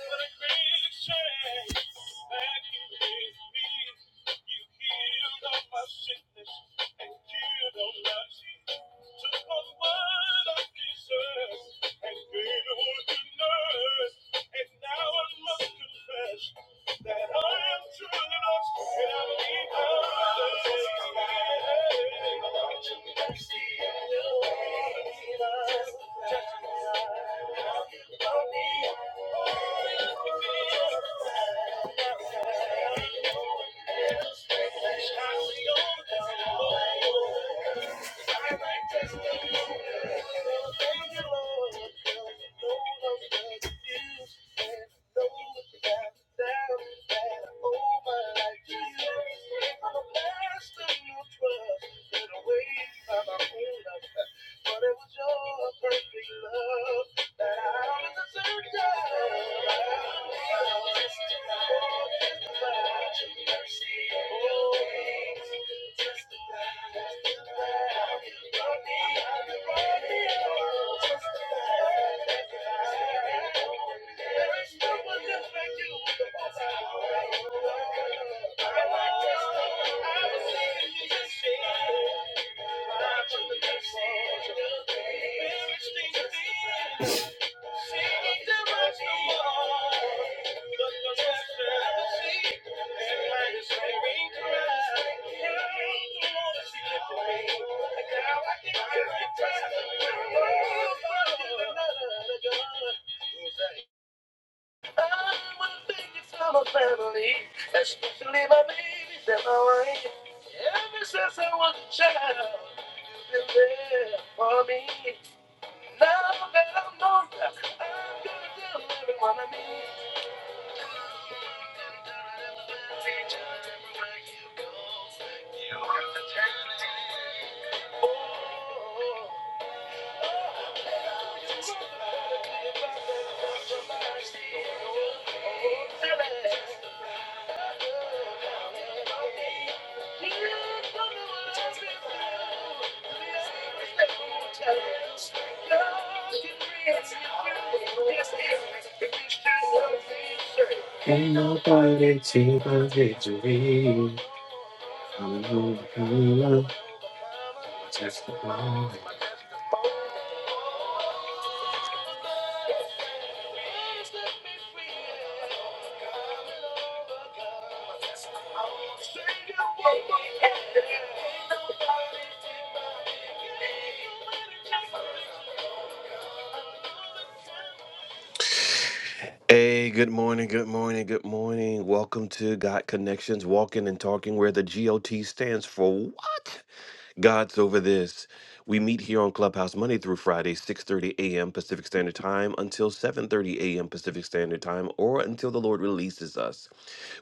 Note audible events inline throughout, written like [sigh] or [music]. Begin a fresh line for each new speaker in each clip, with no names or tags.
Thank you. me. love. me. But it was your perfect love that I deserved. Oh, Who's that? I wanna thank you for my family, especially my babies and my wife. Ever since I was a child, you've been there for me. Now that I'm older, I'm gonna tell everyone I meet. Teacher, everywhere you go, you have to take me. Oh, you're Ain't nobody to the victory. I'm the one who loves just the one. Hey, good morning, good morning, good morning. Welcome to Got Connections, walking and talking where the GOT stands for what? God's over this. We meet here on Clubhouse Monday through Friday, 6:30 a.m. Pacific Standard Time until 7:30 a.m. Pacific Standard Time or until the Lord releases us.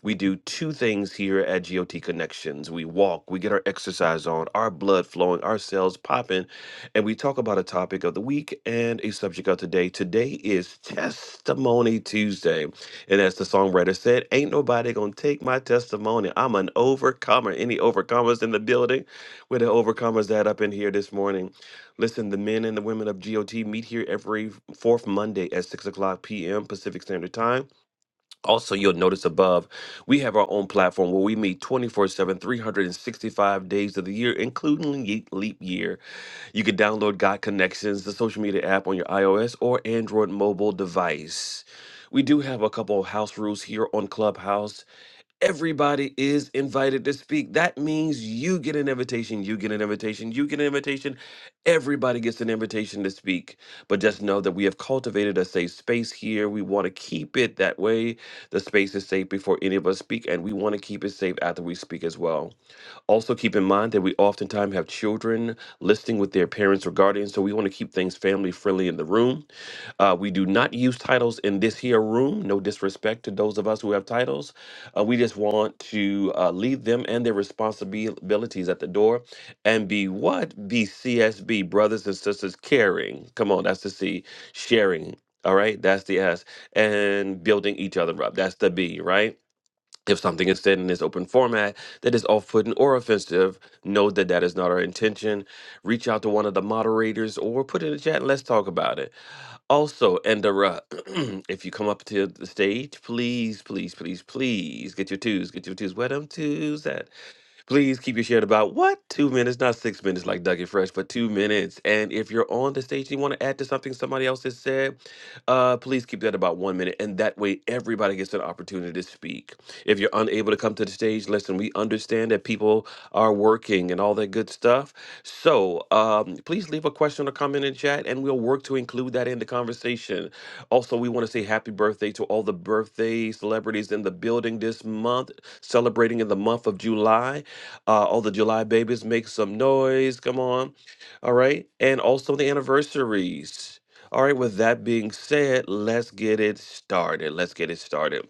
We do two things here at GOT Connections. We walk, we get our exercise on, our blood flowing, our cells popping, and we talk about a topic of the week and a subject of today. Today is Testimony Tuesday. And as the songwriter said, ain't nobody going to take my testimony. I'm an overcomer. Any overcomers in the building? We're the overcomers that up in here this morning. Listen, the men and the women of GOT meet here every fourth Monday at 6 o'clock p.m. Pacific Standard Time. Also, you'll notice above, we have our own platform where we meet 24 7, 365 days of the year, including ye- leap year. You can download God Connections, the social media app on your iOS or Android mobile device. We do have a couple of house rules here on Clubhouse. Everybody is invited to speak. That means you get an invitation, you get an invitation, you get an invitation. Everybody gets an invitation to speak. But just know that we have cultivated a safe space here. We want to keep it that way. The space is safe before any of us speak, and we want to keep it safe after we speak as well. Also, keep in mind that we oftentimes have children listening with their parents or guardians, so we want to keep things family friendly in the room. Uh, we do not use titles in this here room. No disrespect to those of us who have titles. Uh, we just want to uh, leave them and their responsibilities at the door and be what? Be CSB, brothers and sisters, caring. Come on, that's the C, sharing. All right, that's the S. And building each other up. That's the B, right? If something is said in this open format that is off putting or offensive, know that that is not our intention. Reach out to one of the moderators or put it in the chat and let's talk about it. Also, Endera, [clears throat] if you come up to the stage, please, please, please, please get your twos, get your twos. Where them twos at? Please keep your share to about what? Two minutes, not six minutes like Dougie Fresh, but two minutes. And if you're on the stage and you want to add to something somebody else has said, uh, please keep that about one minute. And that way, everybody gets an opportunity to speak. If you're unable to come to the stage, listen, we understand that people are working and all that good stuff. So um, please leave a question or comment in chat, and we'll work to include that in the conversation. Also, we want to say happy birthday to all the birthday celebrities in the building this month, celebrating in the month of July. Uh, all the July babies make some noise. Come on. All right. And also the anniversaries. All right. With that being said, let's get it started. Let's get it started.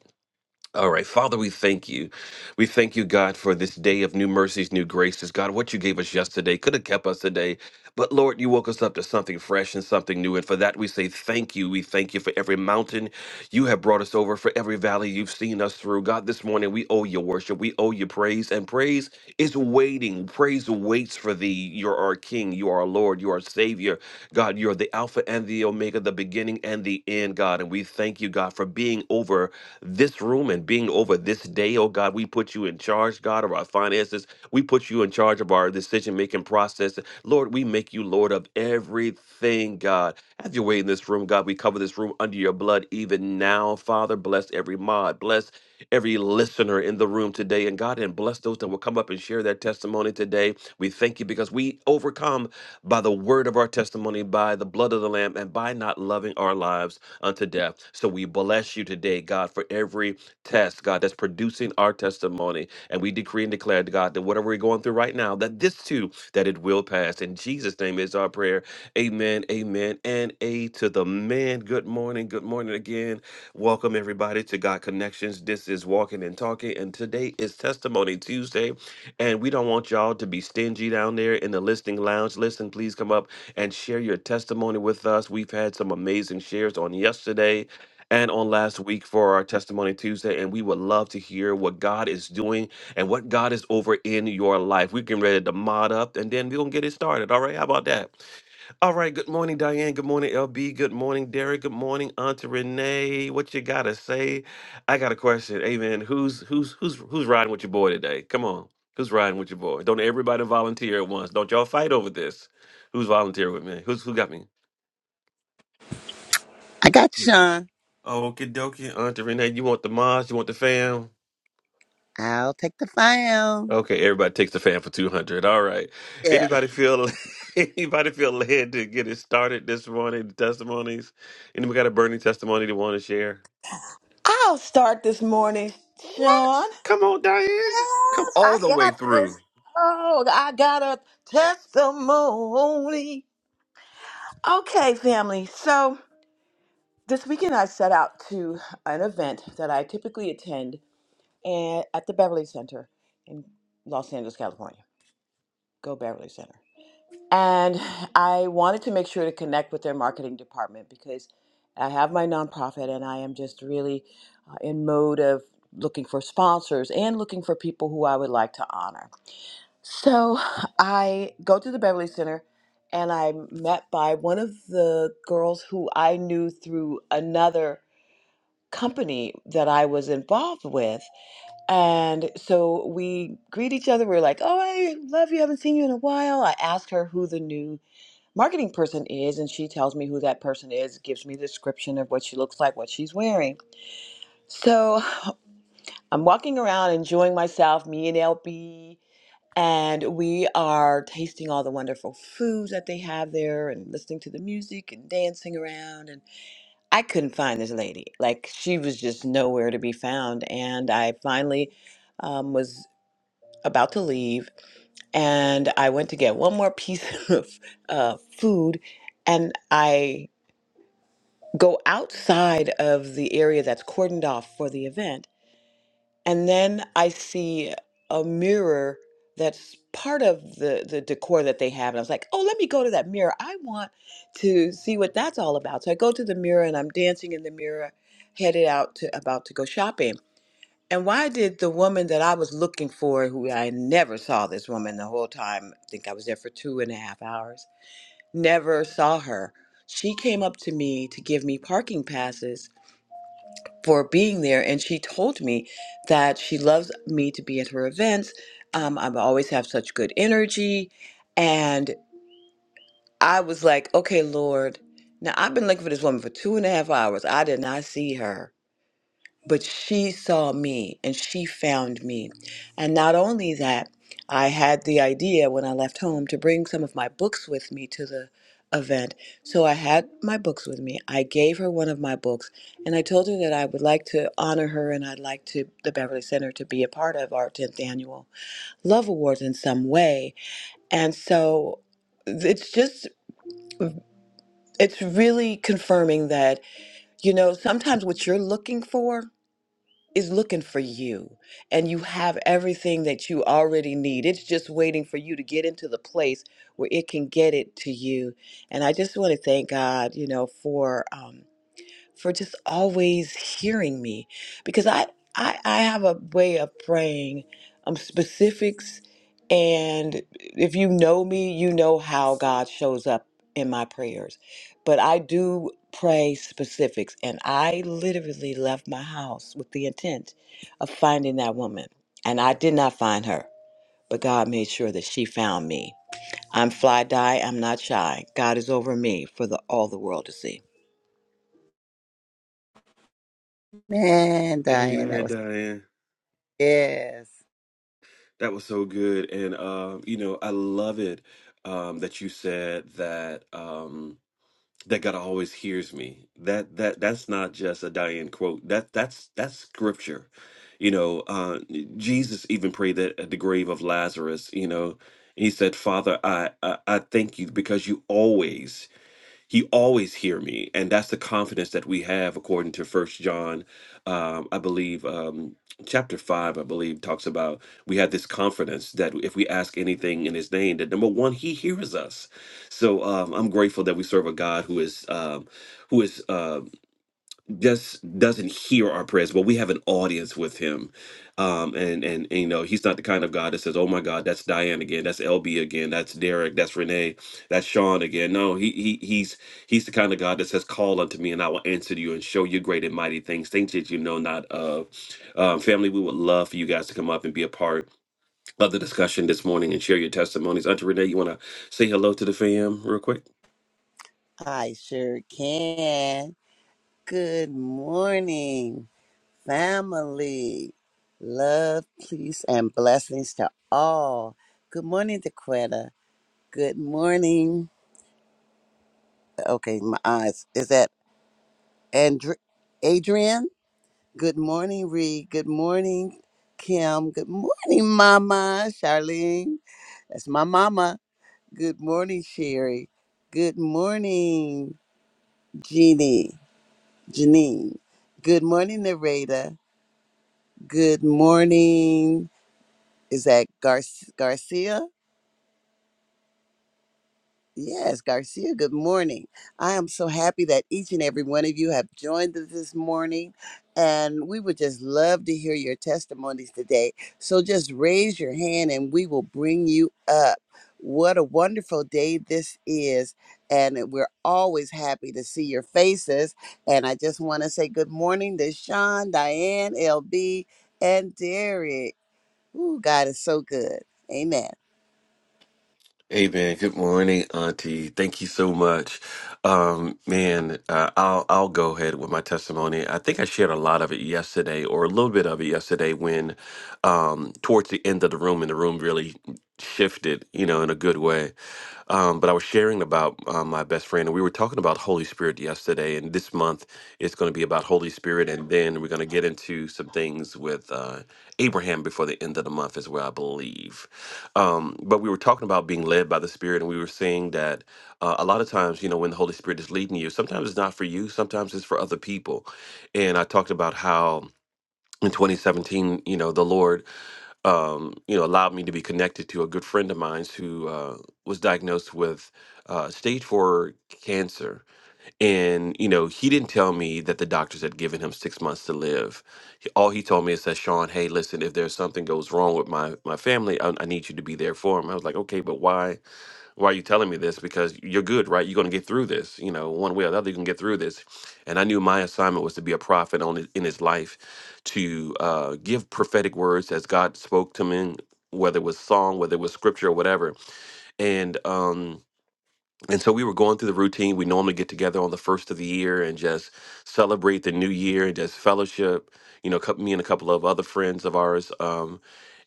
All right, Father, we thank you. We thank you, God, for this day of new mercies, new graces. God, what you gave us yesterday could have kept us today, but Lord, you woke us up to something fresh and something new. And for that, we say thank you. We thank you for every mountain you have brought us over, for every valley you've seen us through. God, this morning we owe you worship. We owe you praise, and praise is waiting. Praise waits for thee. You're our King. You are our Lord. You are our Savior. God, you're the Alpha and the Omega, the beginning and the end, God. And we thank you, God, for being over this room and being over this day, oh God. We put you in charge, God, of our finances. We put you in charge of our decision making process. Lord, we make you Lord of everything, God. Have your way in this room, God. We cover this room under your blood even now, Father. Bless every mod. Bless every listener in the room today. And God, and bless those that will come up and share their testimony today. We thank you because we overcome by the word of our testimony, by the blood of the Lamb, and by not loving our lives unto death. So we bless you today, God, for every test, God, that's producing our testimony. And we decree and declare, God, that whatever we're going through right now, that this too, that it will pass. In Jesus' name is our prayer. Amen, amen, and a to the man. Good morning, good morning again. Welcome, everybody, to God Connections. This is Walking and Talking, and today is Testimony Tuesday. And we don't want y'all to be stingy down there in the listening lounge. Listen, please come up and share your testimony with us. We've had some amazing shares on yesterday and on last week for our Testimony Tuesday, and we would love to hear what God is doing and what God is over in your life. We're getting ready to mod up, and then we're going to get it started. All right, how about that? All right. Good morning, Diane. Good morning, LB. Good morning, Derek. Good morning, Auntie Renee. What you gotta say? I got a question. Hey, man, who's who's who's who's riding with your boy today? Come on, who's riding with your boy? Don't everybody volunteer at once. Don't y'all fight over this. Who's volunteering with me? Who's who got me?
I got you, Sean.
Okie dokie, Auntie Renee. You want the mods? You want the fam?
I'll take the file.
Okay, everybody takes the fam for two hundred. All right.
Yes.
Anybody feel [laughs] anybody feel led to get it started this morning? The Testimonies. Anybody got a burning testimony they want to share?
I'll start this morning, Sean.
What? Come on, Diane. Come
Yes,
all
I
the way
got this.
through.
Oh, I got a testimony. Okay, family. So this weekend I set out to an event that I typically attend and at the Beverly Center in Los Angeles, California. Go Beverly Center. And I wanted to make sure to connect with their marketing department because I have my nonprofit and I am just really uh, in mode of looking for sponsors and looking for people who I would like to honor. So [laughs] I go to the Beverly Center and I'm met by one of the girls who I knew through another company that I was involved with. And so we greet each other. We're like, oh, I love you. haven't seen you in a while. I asked her who the new marketing person is and she tells me who that person is gives me the description of what she looks like what she's wearing so i'm walking around enjoying myself me and lb and we are tasting all the wonderful foods that they have there and listening to the music and dancing around and i couldn't find this lady like she was just nowhere to be found and i finally um, was about to leave and I went to get one more piece [laughs] of uh, food, and I go outside of the area that's cordoned off for the event and then i see a mirror that's part of the the decor that they have and i was like oh let me go to that mirror i want to see what that's all about so i go to the mirror and i'm dancing in the mirror headed out to about to go shopping and why did the woman that i was looking for who i never saw this woman the whole time i think i was there for two and a half hours never saw her she came up to me to give me parking passes for being there. And she told me that she loves me to be at her events. Um, I always have such good energy. And I was like, okay, Lord, now I've been looking for this woman for two and a half hours. I did not see her but she saw me and she found me. And not only that, I had the idea when I left home to bring some of my books with me to the event. So I had my books with me. I gave her one of my books and I told her that I would like to honor her and I'd like to the Beverly Center to be a part of our 10th annual Love Awards in some way. And so it's just it's really confirming that you know sometimes what you're looking for is looking for you and you have everything that you already need. It's just waiting for you to get into the place where it can get it to you. And I just want to thank God, you know, for um, for just always hearing me because I, I I have a way of praying um specifics and if you know me you know how God shows up in my prayers but I do pray specifics and I literally left my house with the intent of finding that woman and I did not find her but God made sure that she found me I'm fly die I'm not shy God is over me for the all the world to see
Man, Diane, that
Amen,
was
Diane.
yes.
That was so good. And uh, you know, I love it um that you said that um that God always hears me. That that that's not just a Diane quote. That that's that's scripture. You know, uh Jesus even prayed that at the grave of Lazarus, you know. He said, "Father, I, I I thank you because you always." he always hear me and that's the confidence that we have according to first john um, i believe um, chapter 5 i believe talks about we have this confidence that if we ask anything in his name that number one he hears us so um, i'm grateful that we serve a god who is um, who is uh, just doesn't hear our prayers, but we have an audience with him. Um, and, and and, you know, he's not the kind of God that says, "Oh my God, that's Diane again, that's LB again, that's Derek, that's Renee, that's Sean again." No, he he he's he's the kind of God that says, "Call unto me, and I will answer you and show you great and mighty things, things that you know not of." Um, family, we would love for you guys to come up and be a part of the discussion this morning and share your testimonies. Auntie Renee, you want to say hello to the fam real quick?
I sure can. Good morning, family. Love, peace, and blessings to all. Good morning, Dequetta. Good morning. Okay, my eyes. Is that Andr- Adrian? Good morning, Reed. Good morning, Kim. Good morning, Mama. Charlene. That's my mama. Good morning, Sherry. Good morning, Jeannie. Janine. Good morning, Nareda. Good morning. Is that Gar- Garcia? Yes, Garcia, good morning. I am so happy that each and every one of you have joined us this morning, and we would just love to hear your testimonies today. So just raise your hand and we will bring you up. What a wonderful day this is, and we're always happy to see your faces. And I just want to say good morning to Sean, Diane, LB, and Derek. Ooh, God is so good. Amen.
Hey man, good morning, Auntie. Thank you so much. Um, man, uh, I'll I'll go ahead with my testimony. I think I shared a lot of it yesterday, or a little bit of it yesterday, when um, towards the end of the room, and the room really shifted, you know, in a good way. Um, but I was sharing about uh, my best friend, and we were talking about Holy Spirit yesterday, and this month it's going to be about Holy Spirit, and then we're going to get into some things with. Uh, Abraham before the end of the month is where I believe. Um, but we were talking about being led by the Spirit, and we were saying that uh, a lot of times, you know, when the Holy Spirit is leading you, sometimes it's not for you, sometimes it's for other people. And I talked about how in 2017, you know, the Lord, um, you know, allowed me to be connected to a good friend of mine who uh, was diagnosed with uh, stage four cancer and, you know, he didn't tell me that the doctors had given him six months to live. He- All he told me is that, Sean, hey, listen, if there's something goes wrong with my, my family, I, I need you to be there for him. I was like, okay, but why, why are you telling me this? Because you're good, right? You're going to get through this, you know, one way or the other, you can get through this. And I knew my assignment was to be a prophet on his, in his life to uh, give prophetic words as God spoke to me, whether it was song, whether it was scripture or whatever. And, um, and so we were going through the routine we normally get together on the first of the year and just celebrate the new year and just fellowship you know cou- me and a couple of other friends of ours um,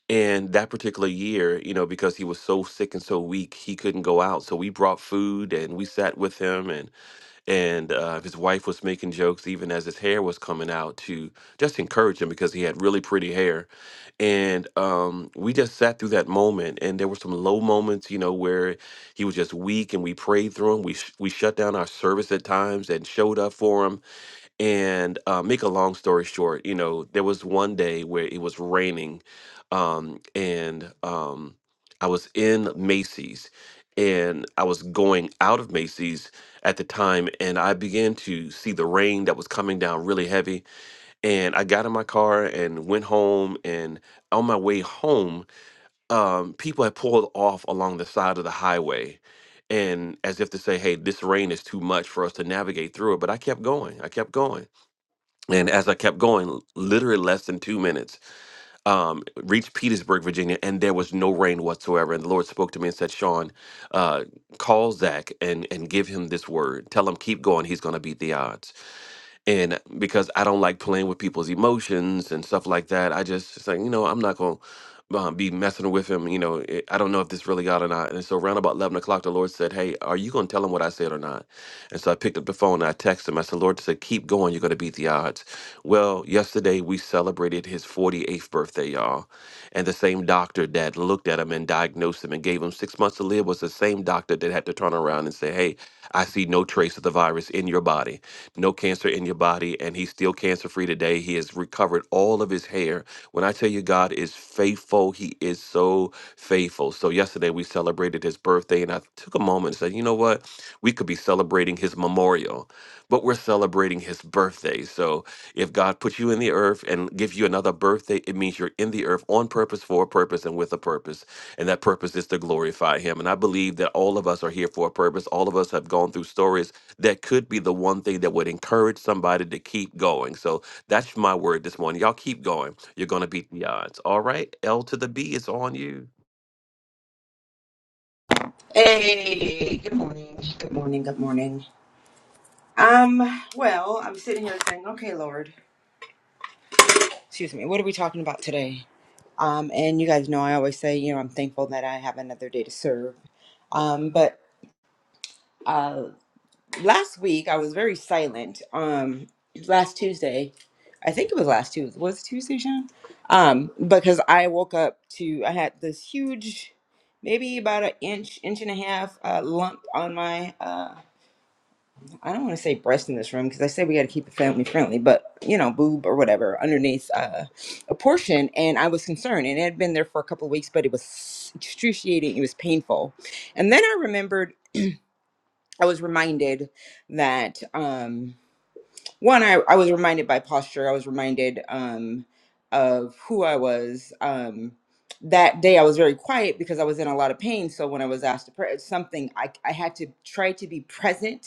and that particular year you know because he was so sick and so weak he couldn't go out so we brought food and we sat with him and uh, his wife was making jokes even as his hair was coming out to just encourage him because he had really pretty hair and um, we just sat through that moment and there were some low moments you know where he was just weak and we prayed through him we, sh- we shut down our service at times and showed up for him and uh, make a long story short, you know, there was one day where it was raining, um, and um, I was in Macy's, and I was going out of Macy's at the time, and I began to see the rain that was coming down really heavy, and I got in my car and went home, and on my way home, um, people had pulled off along the side of the highway. And as if to say, hey, this rain is too much for us to navigate through it. But I kept going. I kept going and as I kept going, literally less than two minutes, um, reached Petersburg, Virginia, and there was no rain whatsoever. And the Lord spoke to me and said, "Sean, uh, call Zach and and give him this word. Tell him keep going. He's going to beat the odds." and because I don't like playing with people's emotions and stuff like that, I just it's like you know I'm not gonna um, be messing with him. You know, it, I don't know if this really got or not. And so around about eleven o'clock, the Lord said, "Hey, are you gonna tell him what I said or not?" And so I picked up the phone and I texted him. I said, "Lord said, keep going. You're gonna beat the odds." Well, yesterday we celebrated his 48th birthday, y'all, and the same doctor that looked at him and diagnosed him and gave him six months to live was the same doctor that had to turn around and say, "Hey, I see no trace of the virus in your body." no cancer in your body, and he's still cancer free today. He has recovered all of his hair. When I tell you God is faithful, he is so faithful. So yesterday we celebrated his birthday, and I took a moment and said, you know what? We could be celebrating his memorial, but we're celebrating his birthday. So if God put you in the earth and gives you another birthday, it means you're in the earth on purpose, for a purpose, and with a purpose. And that purpose is to glorify Him. And I believe that all of us are here for a purpose. All of us have gone through stories that could be the one thing that would encourage somebody to keep going. So that's my word this morning. Y'all keep going. You're going to beat the odds. All right. L to the B is on you.
Hey, good morning. Good morning. Good morning. Um, well, I'm sitting here saying, okay, Lord, excuse me, what are we talking about today? Um, and you guys know I always say, you know, I'm thankful that I have another day to serve. Um, but uh last week I was very silent. Um last Tuesday, I think it was last Tuesday. Was it Tuesday, Sean? Um, because I woke up to I had this huge maybe about an inch, inch and a half uh, lump on my uh I don't want to say breast in this room because I say we got to keep it family friendly, but you know, boob or whatever underneath uh, a portion. And I was concerned, and it had been there for a couple of weeks, but it was excruciating. It was painful. And then I remembered, I was reminded that. Um, one I, I was reminded by posture i was reminded um of who i was um that day i was very quiet because i was in a lot of pain so when i was asked to pray it's something i, I had to try to be present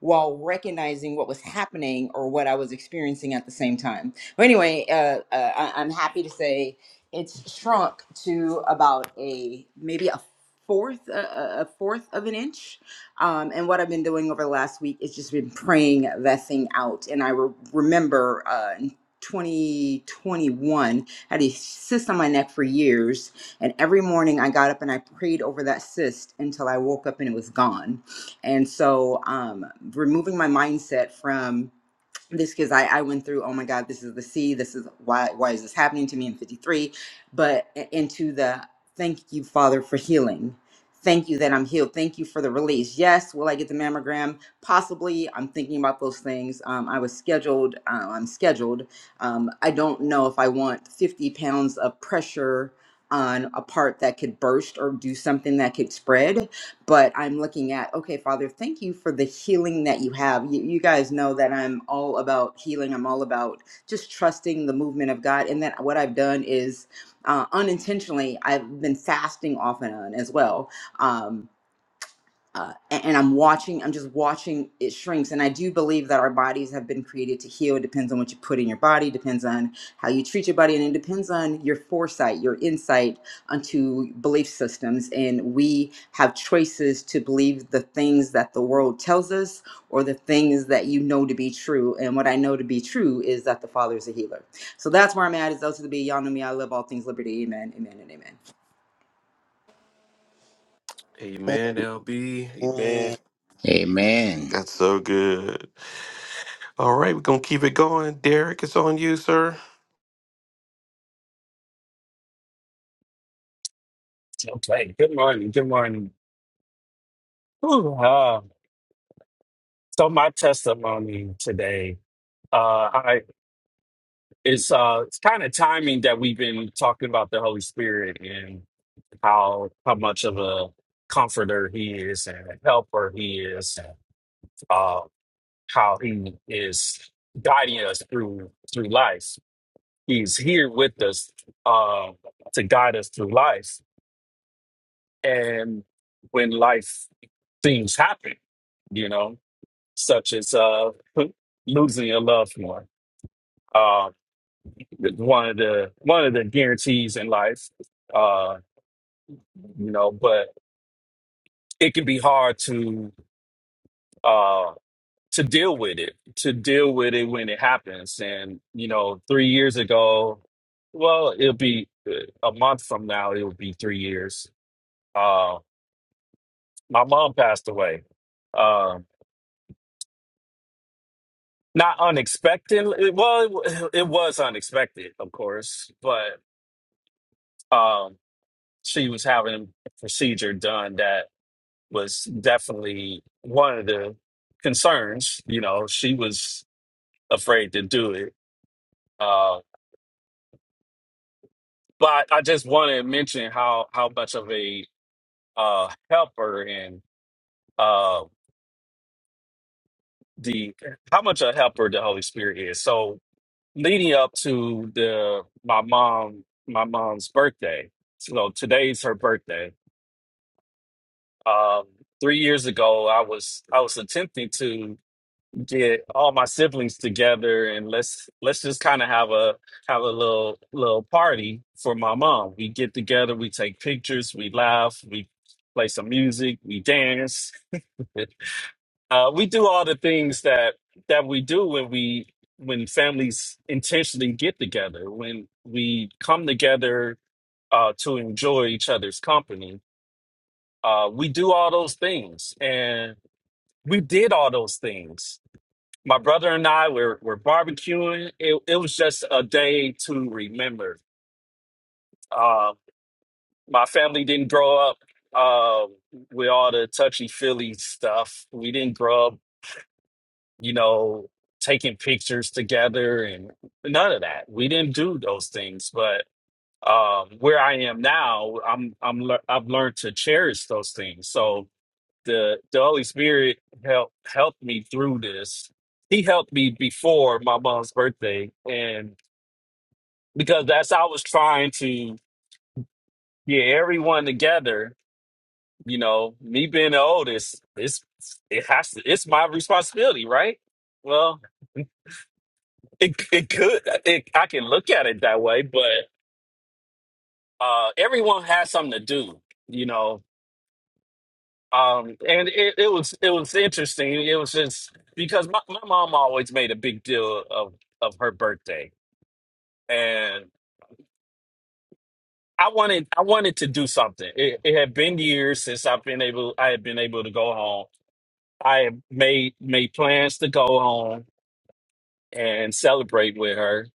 while recognizing what was happening or what i was experiencing at the same time but anyway uh, uh, I, i'm happy to say it's shrunk to about a maybe a fourth a, a a fourth of an inch um, and what I've been doing over the last week is just been praying that thing out. And I re- remember uh, in 2021, I had a cyst on my neck for years. And every morning I got up and I prayed over that cyst until I woke up and it was gone. And so um, removing my mindset from this because I, I went through oh my god this is the C this is why why is this happening to me in 53 but i- into the thank you father for healing thank you that i'm healed thank you for the release yes will i get the mammogram possibly i'm thinking about those things um, i was scheduled uh, i'm scheduled um, i don't know if i want 50 pounds of pressure on a part that could burst or do something that could spread but I'm looking at, okay, Father, thank you for the healing that you have. You, you guys know that I'm all about healing. I'm all about just trusting the movement of God. And that what I've done is uh, unintentionally, I've been fasting off and on as well. Um, uh, a- and I'm watching, I'm just watching it shrinks. And I do believe that our bodies have been created to heal. It depends on what you put in your body, depends on how you treat your body, and it depends on your foresight, your insight onto belief systems. And we have choices to believe the things that the world tells us or the things that you know to be true. And what I know to be true is that the Father is a healer. So that's where I'm at. It's L to the B. Y'all know me. I love all things liberty. Amen, amen, and amen.
Amen, LB.
Amen.
Amen.
Amen.
That's so good. All right. We're going to keep it going. Derek, it's on you, sir.
Okay. Good morning. Good morning. Ooh, uh, so my testimony today, uh, I it's uh, it's kind of timing that we've been talking about the Holy Spirit and how how much of a comforter he is and a helper he is, and, uh, how he is guiding us through through life. He's here with us uh, to guide us through life, and when life things happen, you know. such as uh, [laughs] losing your loved one. Uh, one of the one of the guarantees in life, uh, you know. But it can be hard to uh, to deal with it, to deal with it when it happens. And you know, three years ago, well, it'll be uh, a month from now. It'll be three years. Uh, my mom passed away. Um, not unexpected. Well, it, it was unexpected, of course, but. Um, she was having a procedure done that was definitely one of the concerns. You know, she was afraid to do it. Uh, but I just want to mention how how much of a uh, helper and uh, the how much a helper the Holy Spirit is. So leading up to the my mom my mom's birthday. So today's her birthday. Um, three years ago, I was I was attempting to get all my siblings together and let's let's just kind of have a have a little little party for my mom. We get together, we take pictures, we laugh, we play some music, we dance. [laughs] uh, we do all the things that that we do when we when families intentionally get together, when we come together uh, to enjoy each other's company. Uh, we do all those things, and we did all those things my brother and I were, were barbecuing. It, it was just a day to remember. Uh, my family didn't grow up uh, with all the touchy feely stuff. We didn't grow up, you know, taking pictures together and none of that. We didn't do those things. But um, where I am now, I'm I'm lear- I've learned to cherish those things. So the the Holy Spirit helped helped me through this he helped me before my mom's birthday and. because that's I was trying to get everyone together. You know, me being the oldest, it's it has to, it's my responsibility, right? Well, it it could it, I can look at it that way, but uh, everyone has something to do, you know. Um, and it, it was it was interesting. It was just because my, my mom always made a big deal of of her birthday, and I wanted I wanted to do something. It, it had been years since I've been able I had been able to go home I had made made plans to go home and celebrate with her.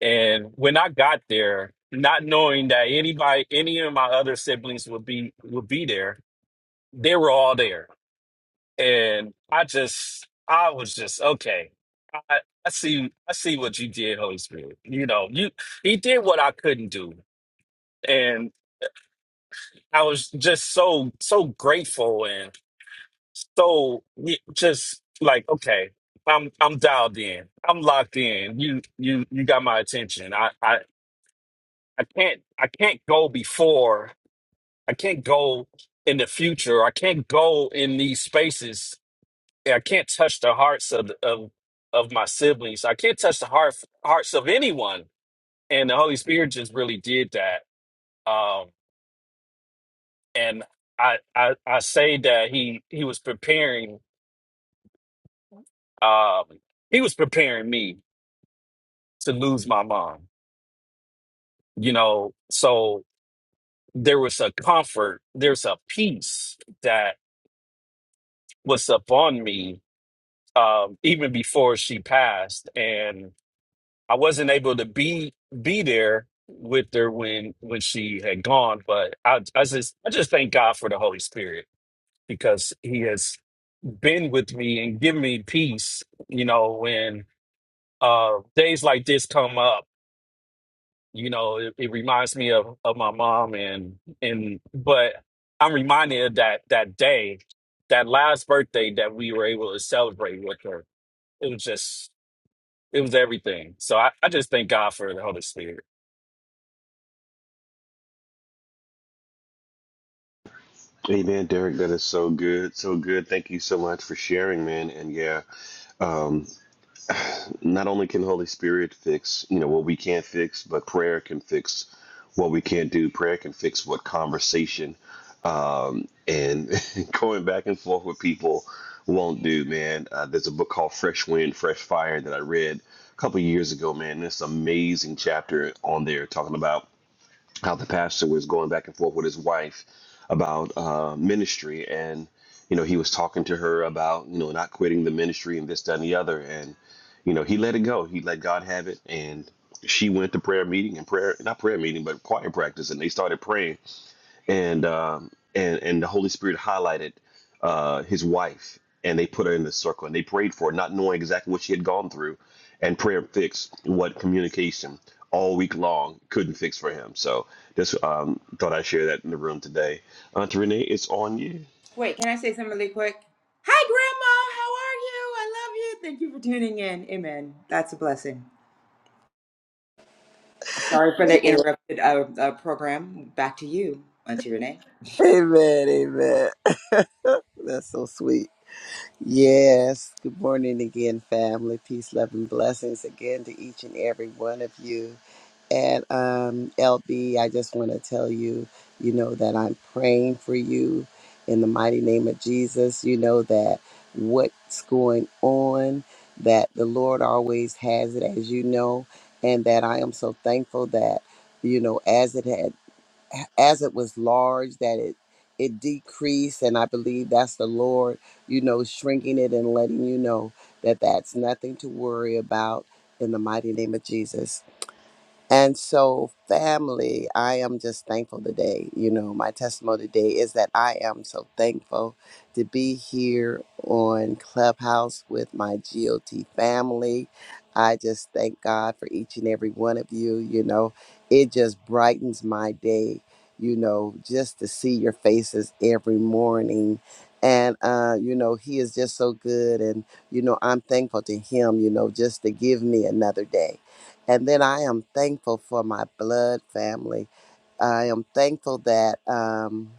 And when I got there, not knowing that anybody, any of my other siblings would be would be there, they were all there. And I just, I was just okay. I, I see, I see what you did, Holy Spirit. You know, you he did what I couldn't do, and I was just so so grateful and. So y- just like okay, I'm I'm dialed in. I'm locked in. You you you got my attention. I I I can't I can't go before. I can't go in the future. I can't go in these spaces. I can't touch the hearts of of of my siblings. I can't touch the heart hearts of anyone. And the Holy Spirit just really did that. Um and I I I say that he he was preparing um he was preparing me to lose my mom, you know? So there was a comfort, there's a peace that was upon me um, even before she passed. And I wasn't able to be be there with her when when she had gone, but I, I just I just thank God for the Holy Spirit because he has been with me and given me peace, you know, when uh days like this come up You know, it, it reminds me of, of my mom and and but I'm reminded of that that day, that last birthday that we were able to celebrate with her. It was just it was everything. So I, I just thank God for the Holy Spirit.
Hey man, Derek, that is so good, so good. Thank you so much for sharing, man. And yeah, not only can Holy Spirit fix, you know, what we can't fix, but prayer can fix what we can't do. Prayer can fix what conversation um, and [laughs] going back and forth with people won't do, man. Uh, there's a book called Fresh Wind, Fresh Fire that I read a couple years ago, man. This amazing chapter on there talking about how the pastor was going back and forth with his wife about uh, ministry and you know he was talking to her about you know not quitting the ministry and this that and the other and you know he let it go he let god have it and she went to prayer meeting and prayer not prayer meeting but choir practice and they started praying and um, and and the Holy Spirit highlighted uh, his wife, and they put her in the circle, and they prayed for her, not knowing exactly what she had gone through, and prayer fixed what communication all week long couldn't fix for him. So just um, thought I'd share that in the room today. Auntie Renee, it's on you.
Wait, can I say something really quick? Hi, Grandma. How are you? I love you. Thank you for tuning in. Amen. That's a blessing. Sorry for the interrupted uh, uh, program. Back to you, Auntie Renee.
Amen. Amen. [laughs] That's so sweet. Yes. Good morning again, family. Peace, love, and blessings again to each and every one of you. And um, LB, I just want to tell you, you know, that I'm praying for you in the mighty name of Jesus. You know that what's going on, that the Lord always has it, as you know, and that I am so thankful that, you know, as it had as it was large that it it decreased and i believe that's the lord you know shrinking it and letting you know that that's nothing to worry about in the mighty name of jesus and so, family, I am just thankful today. You know, my testimony today is that I am so thankful to be here on Clubhouse with my GOT family. I just thank God for each and every one of you. You know, it just brightens my day, you know, just to see your faces every morning. And, uh, you know, he is just so good. And, you know, I'm thankful to him, you know, just to give me another day and then I am thankful for my blood family. I am thankful that. Um,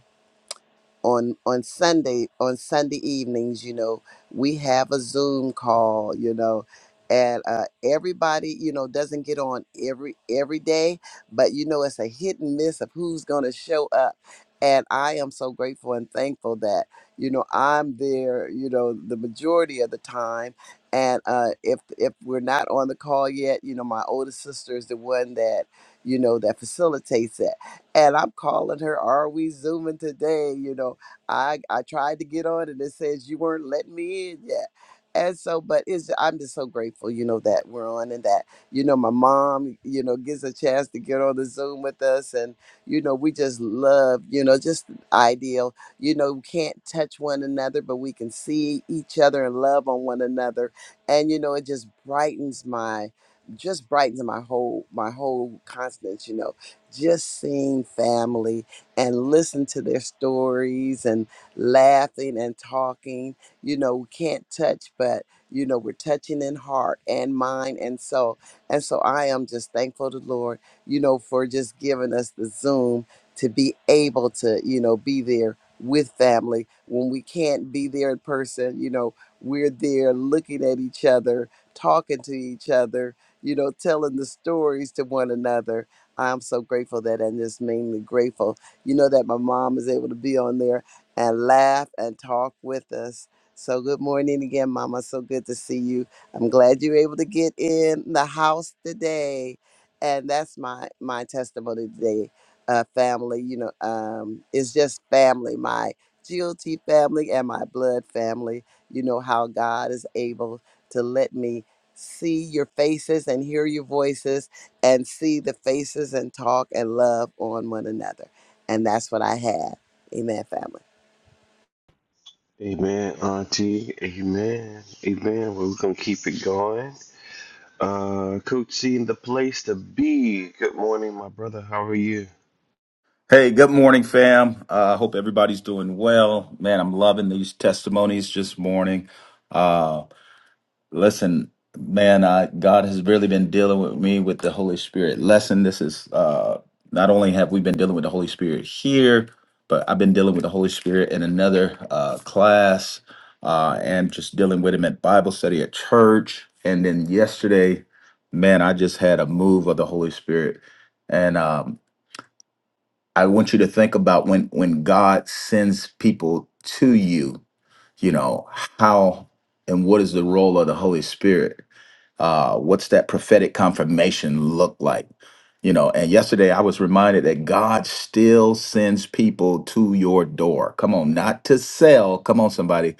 on on Sunday on Sunday evenings, you know, we have a Zoom call, you know, and uh, everybody, you know, doesn't get on every every day, but you know, it's a hit and miss of who's going to show up. And I am so grateful and thankful that you know I'm there, you know, the majority of the time. And uh, if if we're not on the call yet, you know, my oldest sister is the one that you know that facilitates it. And I'm calling her, "Are we zooming today?" You know, I I tried to get on and it says you weren't letting me in yet. And so, but it's I'm just so grateful, you know, that we're on and that, you know, my mom, you know, gets a chance to get on the Zoom with us. And, you know, we just love, you know, just ideal. You know, we can't touch one another, but we can see each other and love on one another. And, you know, it just brightens my just brightens my whole my whole constant, you know, just seeing family and listen to their stories and laughing and talking. You know, we can't touch, but you know, we're touching in heart and mind and soul. And so I am just thankful to the Lord, you know, for just giving us the Zoom to be able to, you know, be there with family when we can't be there in person. You know, we're there looking at each other, talking to each other, you know, telling the stories to one another. I'm so grateful that I'm just mainly grateful you know that my mom is able to be on there and laugh and talk with us. So good morning again, Mama. So good to see you. I'm glad you're able to get in the house today, and that's my my testimony today. Uh, family, you know, um, it's just family. My GOT family and my blood family. You know how God is able to let me see your faces and hear your voices and see the faces and talk and love on one another. And that's what I have. Amen, family.
Amen, Auntie. Amen. Amen. Well, we're gonna keep it going. Uh, Coach C in the place to be. Good morning, my brother. How are you?
Hey, good morning, fam. I uh, hope everybody's doing well. Man, I'm loving these testimonies this morning. Uh, listen, man, I, God has really been dealing with me with the Holy Spirit lesson. This is uh, not only have we been dealing with the Holy Spirit here, but I've been dealing with the Holy Spirit in another uh, class uh, and just dealing with him at Bible study at church. And then yesterday, man, I just had a move of the Holy Spirit. And um, I want you to think about when when God sends people to you, you know, how and what is the role of the Holy Spirit? Uh, what's that prophetic confirmation look like? You know, and yesterday I was reminded that God still sends people to your door. Come on, not to sell, come on, somebody,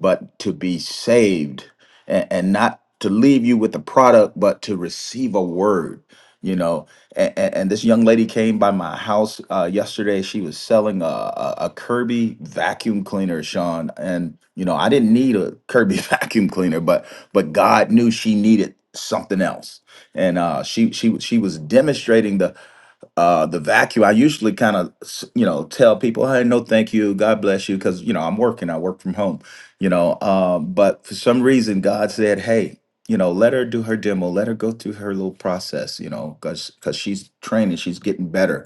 but to be saved and, and not to leave you with a product, but to receive a word, you know. And, and, this young lady came by my house uh, yesterday. She was selling a, a, a Kirby vacuum cleaner, Sean. And, you know, I didn't need a Kirby [laughs] vacuum cleaner, but but God knew she needed something else. And uh, she she she was demonstrating the uh the vacuum i usually kind of you know tell people hey no thank you god bless you because you know i'm working i work from home you know um but for some reason god said hey you know let her do her demo let her go through her little process you know because because she's training she's getting better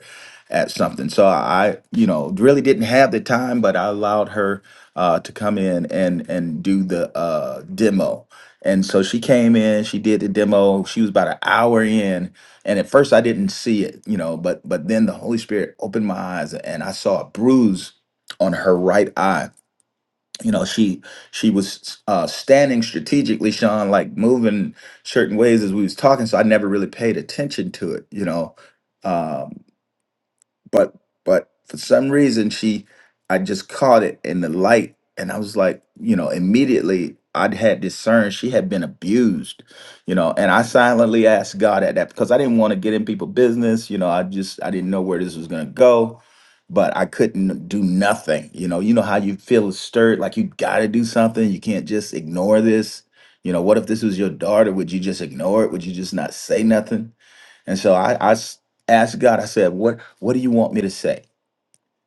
at something so i you know really didn't have the time but i allowed her uh to come in and and do the uh demo and so she came in she did the demo she was about an hour in and at first i didn't see it you know but but then the holy spirit opened my eyes and i saw a bruise on her right eye you know she she was uh standing strategically sean like moving certain ways as we was talking so i never really paid attention to it you know Um but but for some reason she i just caught it in the light and i was like you know immediately i'd had discerned she had been abused you know and i silently asked god at that because i didn't want to get in people's business you know i just i didn't know where this was going to go but i couldn't do nothing you know you know how you feel stirred like you gotta do something you can't just ignore this you know what if this was your daughter would you just ignore it would you just not say nothing and so I, I s- asked God, I said, what, what do you want me to say?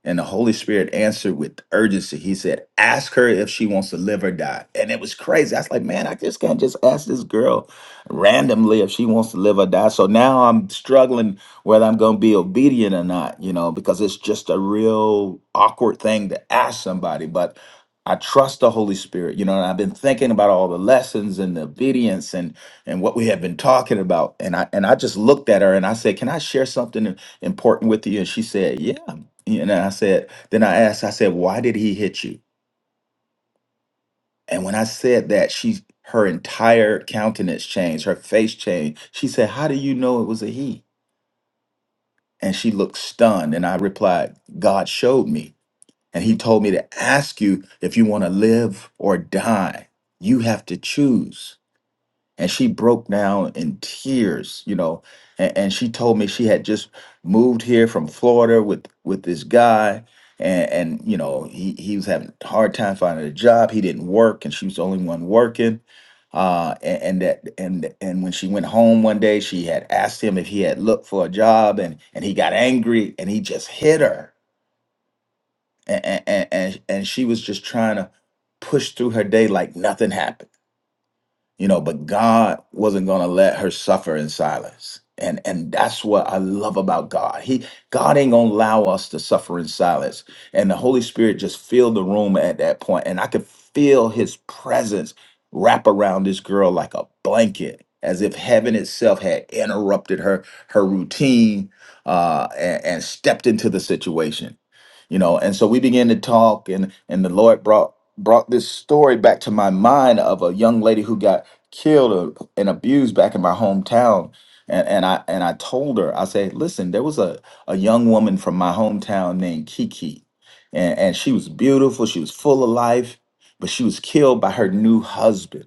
And the Holy Spirit answered with urgency. He said, Ask her if she wants to live or die. And it was crazy. I was like, Man, I just can't just ask this girl randomly if she wants to live or die. So now I'm struggling whether I'm going to be obedient or not, you know, because it's just a real awkward thing to ask somebody. But I trust the Holy Spirit, you know, and I've been thinking about all the lessons and the obedience and and what we have been talking about. And I and I just looked at her and I said, Can I share something important with you? And she said, Yeah. And I said, then I asked, I said, why did he hit you? And when I said that, she, her entire countenance changed, her face changed. She said, how do you know it was a he? And she looked stunned. And I replied, God showed me. And he told me to ask you if you want to live or die. You have to choose. and she broke down in tears you know and, and she told me she had just moved here from florida with with this guy and and you know he, he was having a hard time finding a job he didn't work and she was the only one working uh and, and that and and when she went home one day she had asked him if he had looked for a job and and he got angry and he just hit her and and and, and she was just trying to push through her day like nothing happened you know but god wasn't going to let her suffer in silence and and that's what i love about god he god ain't going to allow us to suffer in silence and the holy spirit just filled the room at that point and i could feel his presence wrap around this girl like a blanket as if heaven itself had interrupted her her routine uh, and, and stepped into the situation you know and so we began to talk and and the lord brought brought this story back to my mind of a young lady who got killed or- and abused back in my hometown and, and i and i told her i said listen there was a, a young woman from my hometown named kiki and, and she was beautiful she was full of life but she was killed by her new husband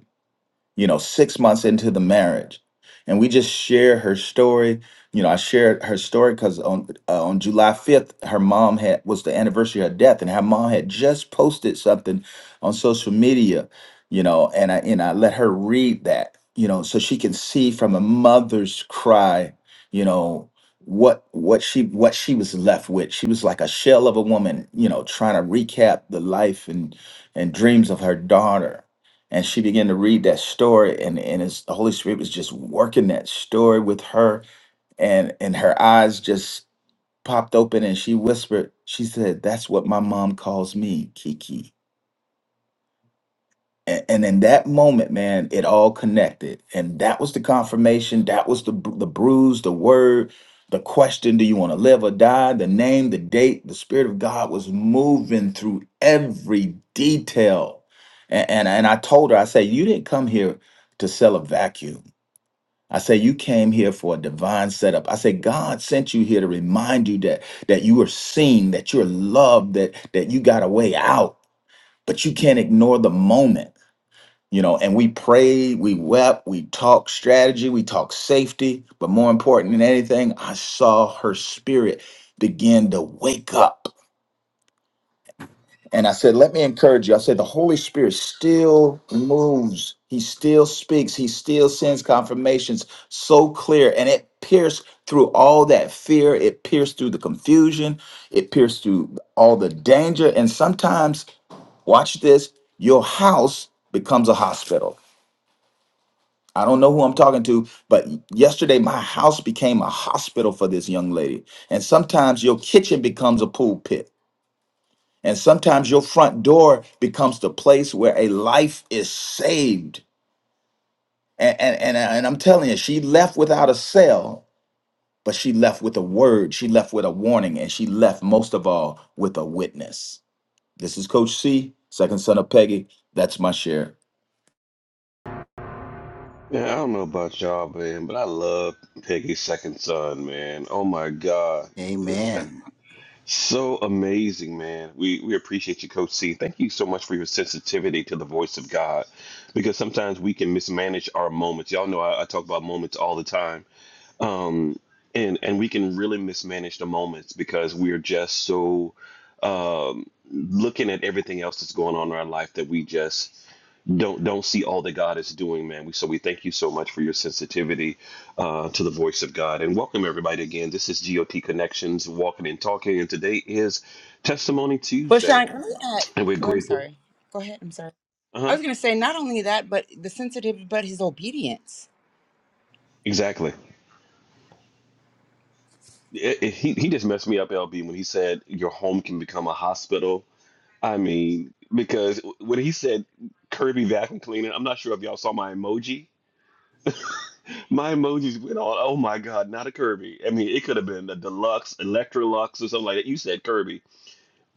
you know, six months into the marriage. And we just share her story. You know, I shared her story because on uh, on July fifth, her mom had was the anniversary of her death, and her mom had just posted something on social media. You know, and I and I let her read that. You know, so she can see from a mother's cry. You know what what she what she was left with. She was like a shell of a woman. You know, trying to recap the life and and dreams of her daughter and she began to read that story and and his, the holy spirit was just working that story with her and and her eyes just popped open and she whispered she said that's what my mom calls me kiki and, and in that moment man it all connected and that was the confirmation that was the bru- the bruise the word the question do you want to live or die the name the date the spirit of god was moving through every detail and and, and i told her i said you didn't come here to sell a vacuum I said you came here for a divine setup. I said God sent you here to remind you that that you are seen, that you're loved, that that you got a way out, but you can't ignore the moment you know and we prayed we wept we talked strategy we talked safety but more important than anything i saw her spirit begin to wake up and i said let me encourage you i said the holy spirit still moves he still speaks he still sends confirmations so clear and it pierced through all that fear it pierced through the confusion it pierced through all the danger and sometimes watch this your house becomes a hospital I don't know who I'm talking to, but yesterday my house became a hospital for this young lady. And sometimes your kitchen becomes a pulpit. And sometimes your front door becomes the place where a life is saved. And, and, and, and I'm telling you, she left without a cell, but she left with a word. She left with a warning. And she left, most of all, with a witness. This is Coach C, second son of Peggy. That's my share.
Yeah, I don't know about y'all, man, but I love Peggy's second son, man. Oh my God. This
Amen.
so amazing, man. We we appreciate you, Coach C. Thank you so much for your sensitivity to the voice of God. Because sometimes we can mismanage our moments. Y'all know I, I talk about moments all the time um, and and we can really mismanage the moments because we're just so um, looking at everything else that's going on in our life that we just don't don't see all that God is doing, man. We so we thank you so much for your sensitivity uh, to the voice of God, and welcome everybody again. This is GOT Connections, walking and talking, and today is Testimony
Well,
Tuesday,
Sean, can I add?
and we're
Well, I'm
grateful.
sorry. Go ahead. I'm sorry. I
Uh huh.
was going to say not only that, but the sensitivity, but his obedience.
Exactly. It- it- he he just messed me up, LB, when he said your home can become a hospital I mean, because when he said Kirby vacuum cleaner, I'm not sure if y'all saw my emoji. My emojis went all, oh my God, not a Kirby. I mean, it could have been a deluxe, Electrolux, or something like that. You said Kirby,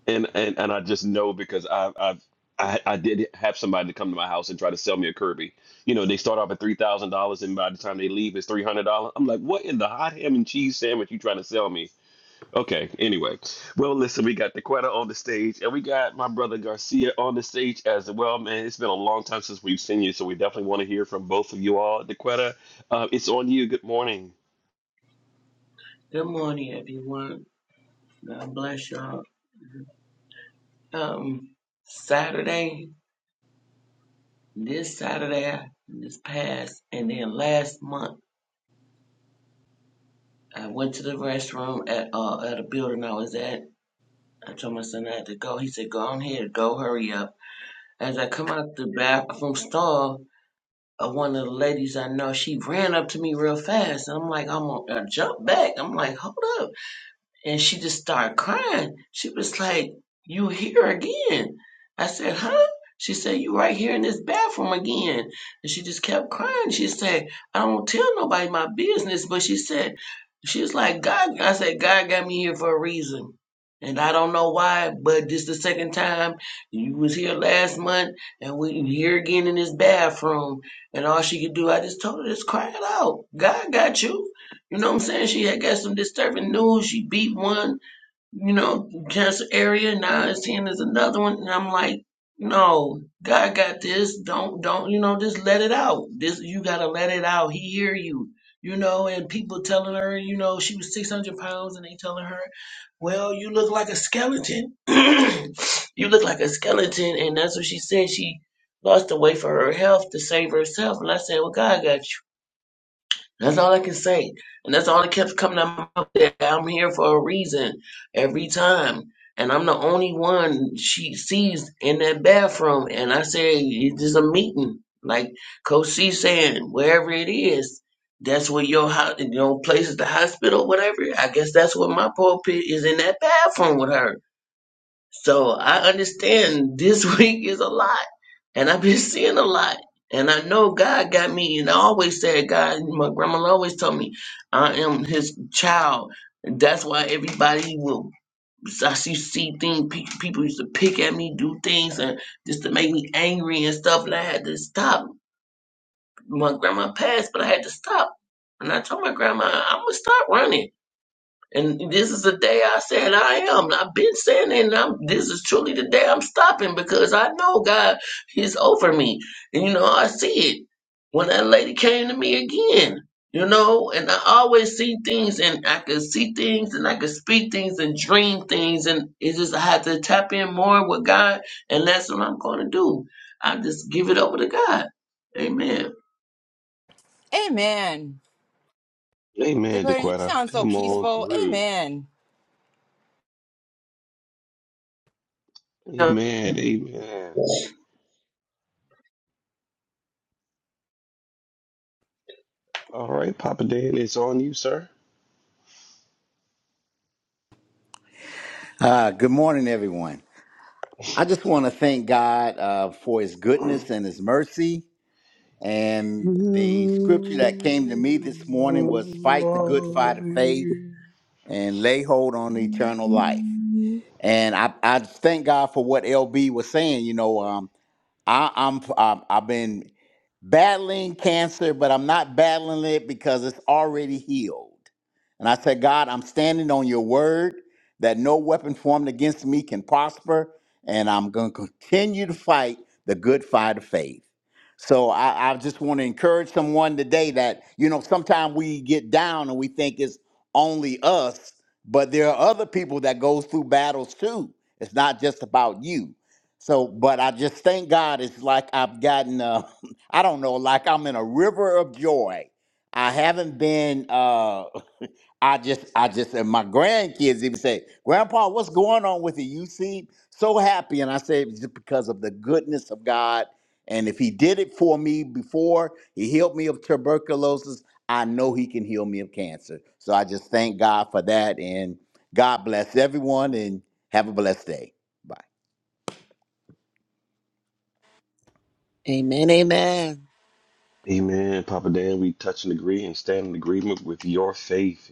and and, and I just know because I, I've I, I did have somebody come to my house and try to sell me a Kirby. You know, they start off at three thousand dollars, and by the time they leave, it's three hundred dollars. I'm like, what in the hot ham and cheese sandwich you trying to sell me? Okay, anyway. Well, listen, we got Dequetta on the stage, and we got my brother Garcia on the stage as well. Man, it's been a long time since we've seen you, so we definitely want to hear from both of you all. Dequetta, uh, it's on you. Good morning.
Good morning, everyone. God bless y'all. Um, Saturday, this Saturday, this past, and then last month, I went to the restroom at uh at a building I was at. I told my son I had to go. He said, "Go on here, go, hurry up." As I come out the bathroom stall, uh, one of the ladies I know, she ran up to me real fast, and I'm like, "I'm gonna I jump back." I'm like, "Hold up." and she just started crying. She was like, "You here again?" I said, "Huh?" She said, "You right here in this bathroom again." And she just kept crying. She said, "I don't tell nobody my business," but she said, "She was like God." I said, "God got me here for a reason." And I don't know why, but this the second time you was here last month, and we you here again in this bathroom, and all she could do, I just told her, just cry it out. God got you. You know what I'm saying? She had got some disturbing news. She beat one, you know, cancer area. Now it's seeing there's another one. And I'm like, no, God got this. Don't, don't, you know, just let it out. This, you got to let it out. He hear you, you know, and people telling her, you know, she was 600 pounds and they telling her, well, you look like a skeleton. [clears throat] you look like a skeleton. And that's what she said. She lost the weight for her health to save herself. And I said, well, God got you. That's all I can say. And that's all that kept coming out of my mouth. that I'm here for a reason every time. And I'm the only one she sees in that bathroom. And I say, it's just a meeting. Like Coach C saying, wherever it is, that's where your, ho- your place is the hospital, whatever. I guess that's what my pulpit is in that bathroom with her. So I understand this [laughs] week is a lot. And I've been [laughs] seeing a lot. And I know God got me. And I always said, God, my grandma always told me, I am his child. And that's why everybody will, I see, see things, pe- people used to pick at me, do things, and just to make me angry and stuff. And I had to stop. My grandma passed, but I had to stop. And I told my grandma, I'm going to stop running. And this is the day I said I am. I've been saying it, and I'm, this is truly the day I'm stopping because I know God is over me. And, you know, I see it when that lady came to me again, you know, and I always see things and I could see things and I could speak things and dream things. And it's just, I have to tap in more with God, and that's what I'm going to do. I just give it over to God. Amen.
Amen.
Amen,
Decorator, you
Dequetta.
sound so
Come on
peaceful.
through.
Amen.
Amen, amen. All right, Papa Dan, it's on you, sir.
Uh, good morning, everyone. I just want to thank God uh, for his goodness and his mercy. And
You
the scripture that came to me this morning was fight the good fight of faith and lay hold on eternal life.
are
And I, I just thank God for what LB was saying. You know, um. I, I'm, I'm I've been battling cancer, but I'm not battling it because it's already healed. And I said, God, I'm standing on your word that no weapon formed against me can prosper, and I'm going to continue to fight the good fight of faith. So I, I just want to encourage someone today that you know sometimes we get down and we think it's only us, but there are other people that goes through battles too. It's not just about you. So, but I just thank God it's like I've gotten, uh, [laughs] I don't know, like I'm in a river of joy. I haven't been, uh, [laughs] I just, I just, and my grandkids even say, Grandpa, what's going on with you? You seem so happy. And I say, it's just because of the goodness of God. And if He did it for me before, He healed me of tuberculosis, I know He can heal me of cancer. So I just thank God for that. And God bless everyone and have a blessed day. Bye.
Amen. Amen.
Amen, Papa Dan. We touch and agree and stand in agreement with your faith,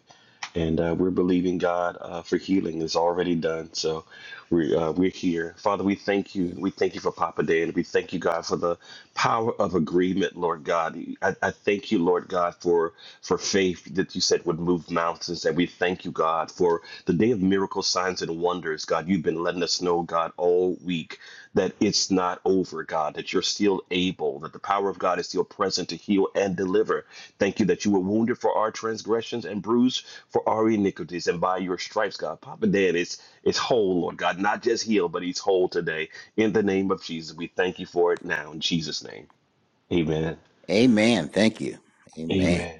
and uh, we're believing God uh, for healing. It's already done, so we uh, we're here, Father. We thank you. We thank you for Papa Dan. We thank you, God, for the power of agreement, Lord God. I, I thank you, Lord God, for for faith that you said would move mountains, and we thank you, God, for the day of miracle signs, and wonders. God, you've been letting us know, God, all week that it's not over, God, that you're still able, that the power of God is still present to heal and deliver. Thank you that you were wounded for our transgressions and bruised for our iniquities, and by your stripes, God. Papa Dan is, is whole, Lord God, not just healed, but he's whole today. In the name of Jesus, we thank you for it now. In Jesus' name, amen.
Amen. Thank you. Amen.
Amen.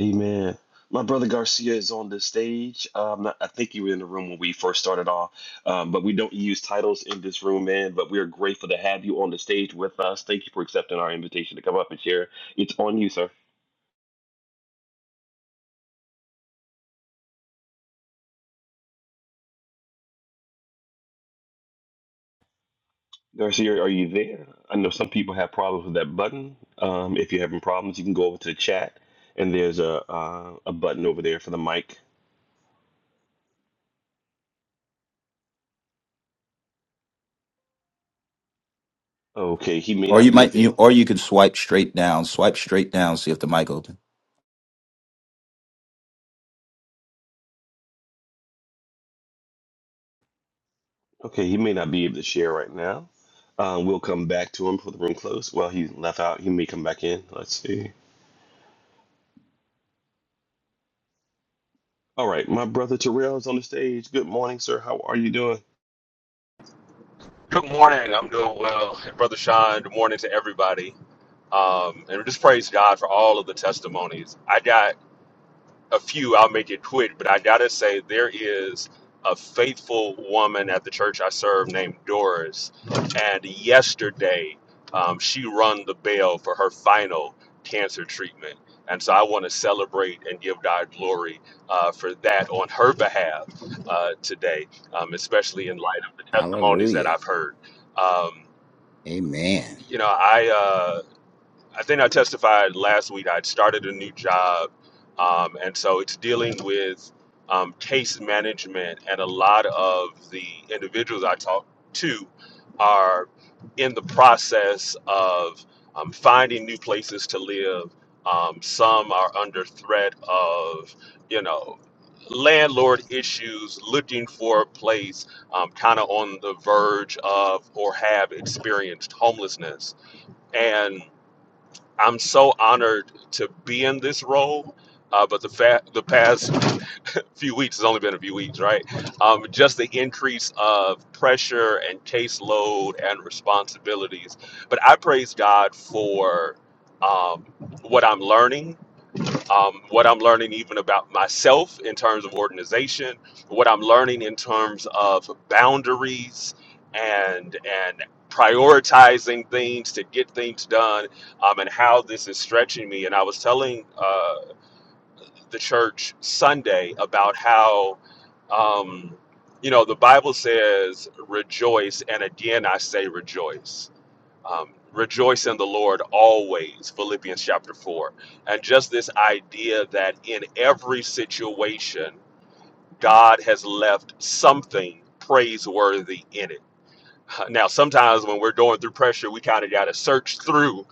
Amen. My brother Garcia is on the stage. Um, I think you were in the room when we first started off, um, but we don't use titles in this room, man. But we are grateful to have you on the stage with us. Thank you for accepting our invitation to come up and share. It's on you, sir. Garcia, are you there? I know some people have problems with that button. Um, if you're having problems, you can go over to the chat, and there's a uh, a button over there for the mic. Okay, he may
Or you
not be
might,
available.
you, or you can swipe straight down, swipe straight down, see if the mic opens.
Okay, he may not be able to share right now. Um, we'll come back to him for the room close. Well, he left out. He may come back in. Let's see. All right, my brother Terrell is on the stage. Good morning, sir. How are you doing?
Good morning. I'm doing well. And Brother Sean, good morning to everybody. Um, and just praise God for all of the testimonies. I got a few, I'll make it quick, but I gotta say there is a faithful woman at the church I serve named Doris, and yesterday um, she rung the bell for her final cancer treatment, and so I want to celebrate and give God glory uh, for that on her behalf uh, today, um, especially in light of the testimonies that
Hallelujah.
I've heard. Um,
Amen.
you know, I. Uh, I think I testified last week. I'd started a new job, um, and so it's dealing with um, case management. And a lot of the individuals I talk to are in the process of um, finding new places to live. Um, some are under threat of, you know, landlord issues, looking for a place, um, kind of on the verge of or have experienced homelessness. and. I'm so honored to be in this role. Uh, but the fa- the past [laughs] few weeks, it's only been a few weeks, right? Um, just the increase of pressure and caseload and responsibilities. But I praise God for um, what I'm learning um, what I'm learning even about myself in terms of organization, what I'm learning in terms of boundaries and and prioritizing things to get things done, um, and how this is stretching me. And I was telling uh, the church Sunday about how. Um, you know, the Bible says rejoice, and again I say rejoice um, rejoice in the Lord always, Philippians chapter 4. And just this idea that in every situation, God has left something praiseworthy in it [laughs] Now, sometimes when we're going through pressure, we kind of got to search through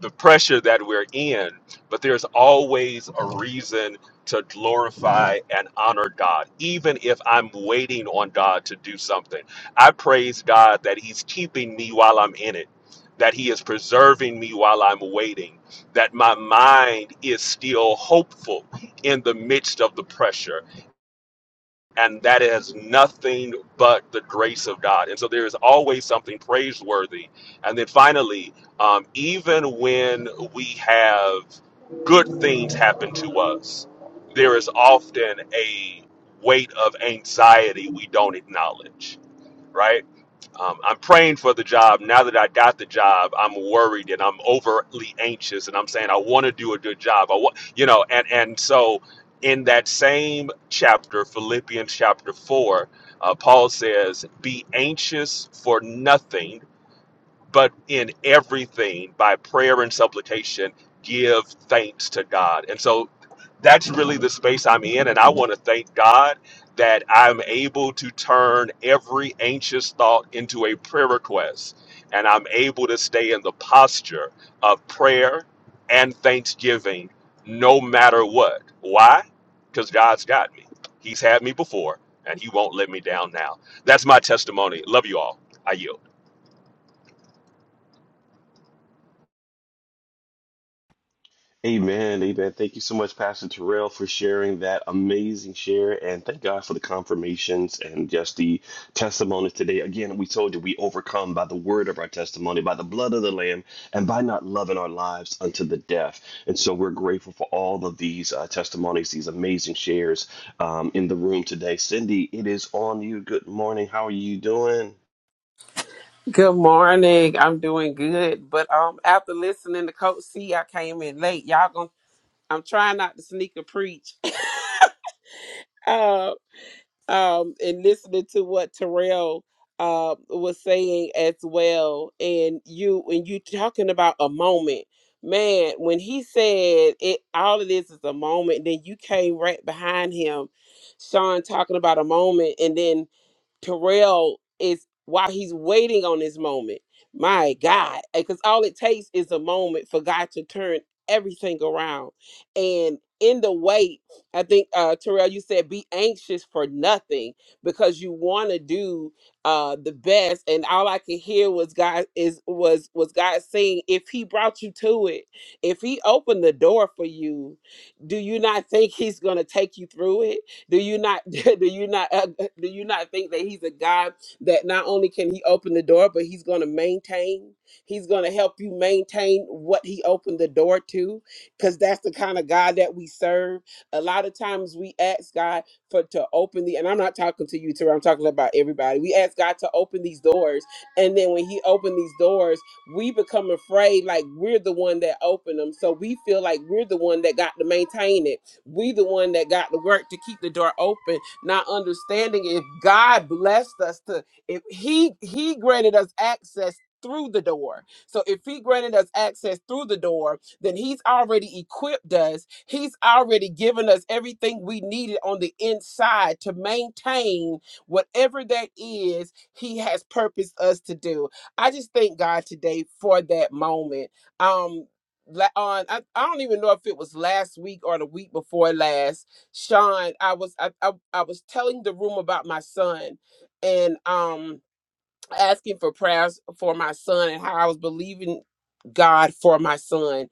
the pressure that we're in, but there's always a reason to glorify and honor God, even if I'm waiting on God to do something. I praise God that He's keeping me while I'm in it, that He is preserving me while I'm waiting, that my mind is still hopeful in the midst of the pressure and that is nothing but the grace of God. And so there is always something praiseworthy. And then finally, um, even when we have good things happen to us, there is often a weight of anxiety we don't acknowledge, right? Um, I'm praying for the job. Now that I got the job, I'm worried and I'm overly anxious, and I'm saying I want to do a good job. I want, you know, and and so in that same chapter, Philippians chapter four, uh, Paul says, "Be anxious for nothing." but in everything by prayer and supplication give thanks to god and so that's really the space i'm in and i want to thank god that i'm able to turn every anxious thought into a prayer request and i'm able to stay in the posture of prayer and thanksgiving no matter what why because god's got me he's had me before and he won't let me down now that's my testimony love you all i yield
Amen. Amen. Thank you so much, Pastor Terrell, for sharing that amazing share. And thank God for the confirmations and just the testimonies today. Again, we told you we overcome by the word of our testimony, by the blood of the Lamb, and by not loving our lives unto the death. And so we're grateful for all of these uh, testimonies, these amazing shares um, in the room today. Cindy, it is on you. Good morning. How are you doing?
Good morning. I'm doing good, but um, after listening to Coach C, I came in late. Y'all going to I'm trying not to sneak a preach. [laughs] uh, um, and listening to what Terrell uh was saying as well, and you when you talking about a moment, man, when he said it, all of this is a moment. Then you came right behind him, Sean talking about a moment, and then Terrell is while he's waiting on this moment. My God, because all it takes is a moment for God to turn everything around. And in the wait, I think uh Terrell, you said be anxious for nothing because you want to do uh the best. And all I could hear was God is was was God saying, if He brought you to it, if He opened the door for you, do you not think He's gonna take you through it? Do you not [laughs] do you not uh, do you not think that he's a God that not only can he open the door, but he's going to maintain. He's going to help you maintain what he opened the door to cuz that's the kind of God that we serve. A lot of times we ask God for to open the and I'm not talking to you Tara, I'm talking about everybody. We ask God to open these doors and then when he opened these doors, we become afraid like we're the one that opened them. So we feel like we're the one that got to maintain it we the one that got to work to keep the door open, not understanding if God blessed us to if he he granted us access through the door. So if he granted us access through the door, then he's already equipped us. He's already given us everything we needed on the inside to maintain whatever that is he has purposed us to do. I just thank God today for that moment. Um la- on I, I don't even know if it was last week or the week before last sean i was i i, I was telling the room about my son and um asking for prayers for my son and how i was believing god for my son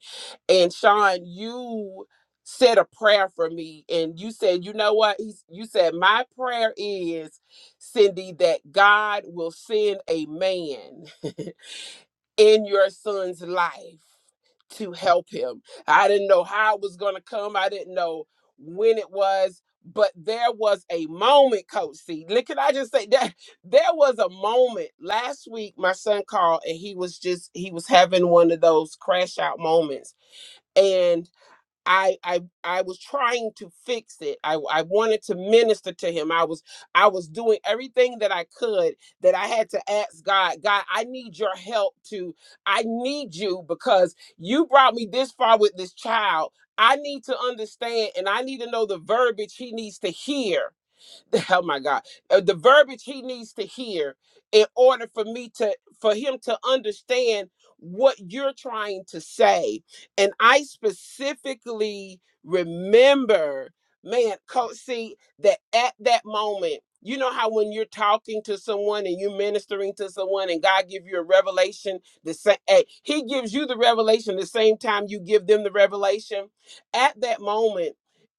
and sean you said a prayer for me and you said you know what He's, you said my prayer is cindy that god will send a man [laughs] in your son's life to help him. I didn't know how it was going to come. I didn't know when it was, but there was a moment, Coach C. Look, can I just say that [laughs] there was a moment last week. My son called and he was just he was having one of those crash out moments, and. I I I was trying to fix it. I I wanted to minister to him. I was I was doing everything that I could that I had to ask God, God, I need your help to I need you because you brought me this far with this child. I need to understand and I need to know the verbiage he needs to hear [laughs] oh my God, Uh, the verbiage he needs to hear in order for me to, for him to understand what you're trying to say. And I specifically remember, man, coach, see that at that moment, you know how when you're talking to someone and you're ministering to someone and God give you a revelation, the same, hey, he gives you the revelation the same time you give them the revelation. At that moment,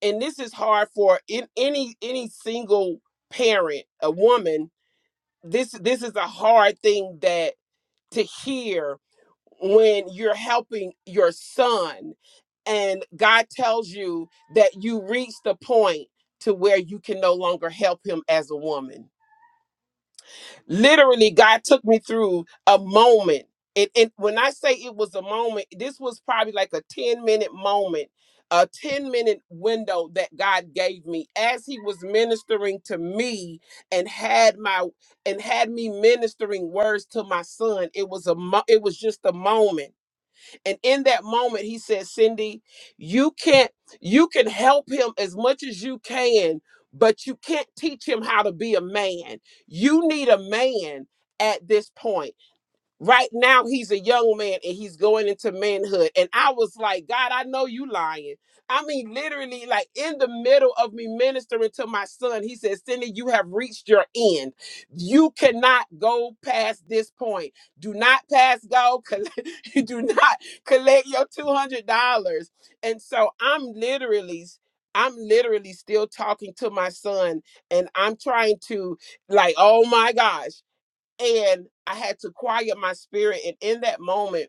and this is hard for in any any single parent a woman this this is a hard thing that to hear when you're helping your son and God tells you that you reach the point to where you can no longer help him as a woman literally god took me through a moment and, and when i say it was a moment this was probably like a 10 minute moment a 10 minute window that god gave me as he was ministering to me and had my and had me ministering words to my son it was a mo- it was just a moment and in that moment, he said, Cindy, you can't, you can help him as much as you can, but you can't teach him how to be a man. You need a man at this point. Right now, he's a young man and he's going into manhood. And I was like, God, I know you lying. I mean, literally, like in the middle of me ministering to my son, he said, Cindy, you have reached your end. You cannot go past this point. Do not pass go. coll- [laughs] You do not collect your $200. And so I'm literally, I'm literally still talking to my son and I'm trying to, like, oh my gosh and I had to quiet my spirit. And in that moment,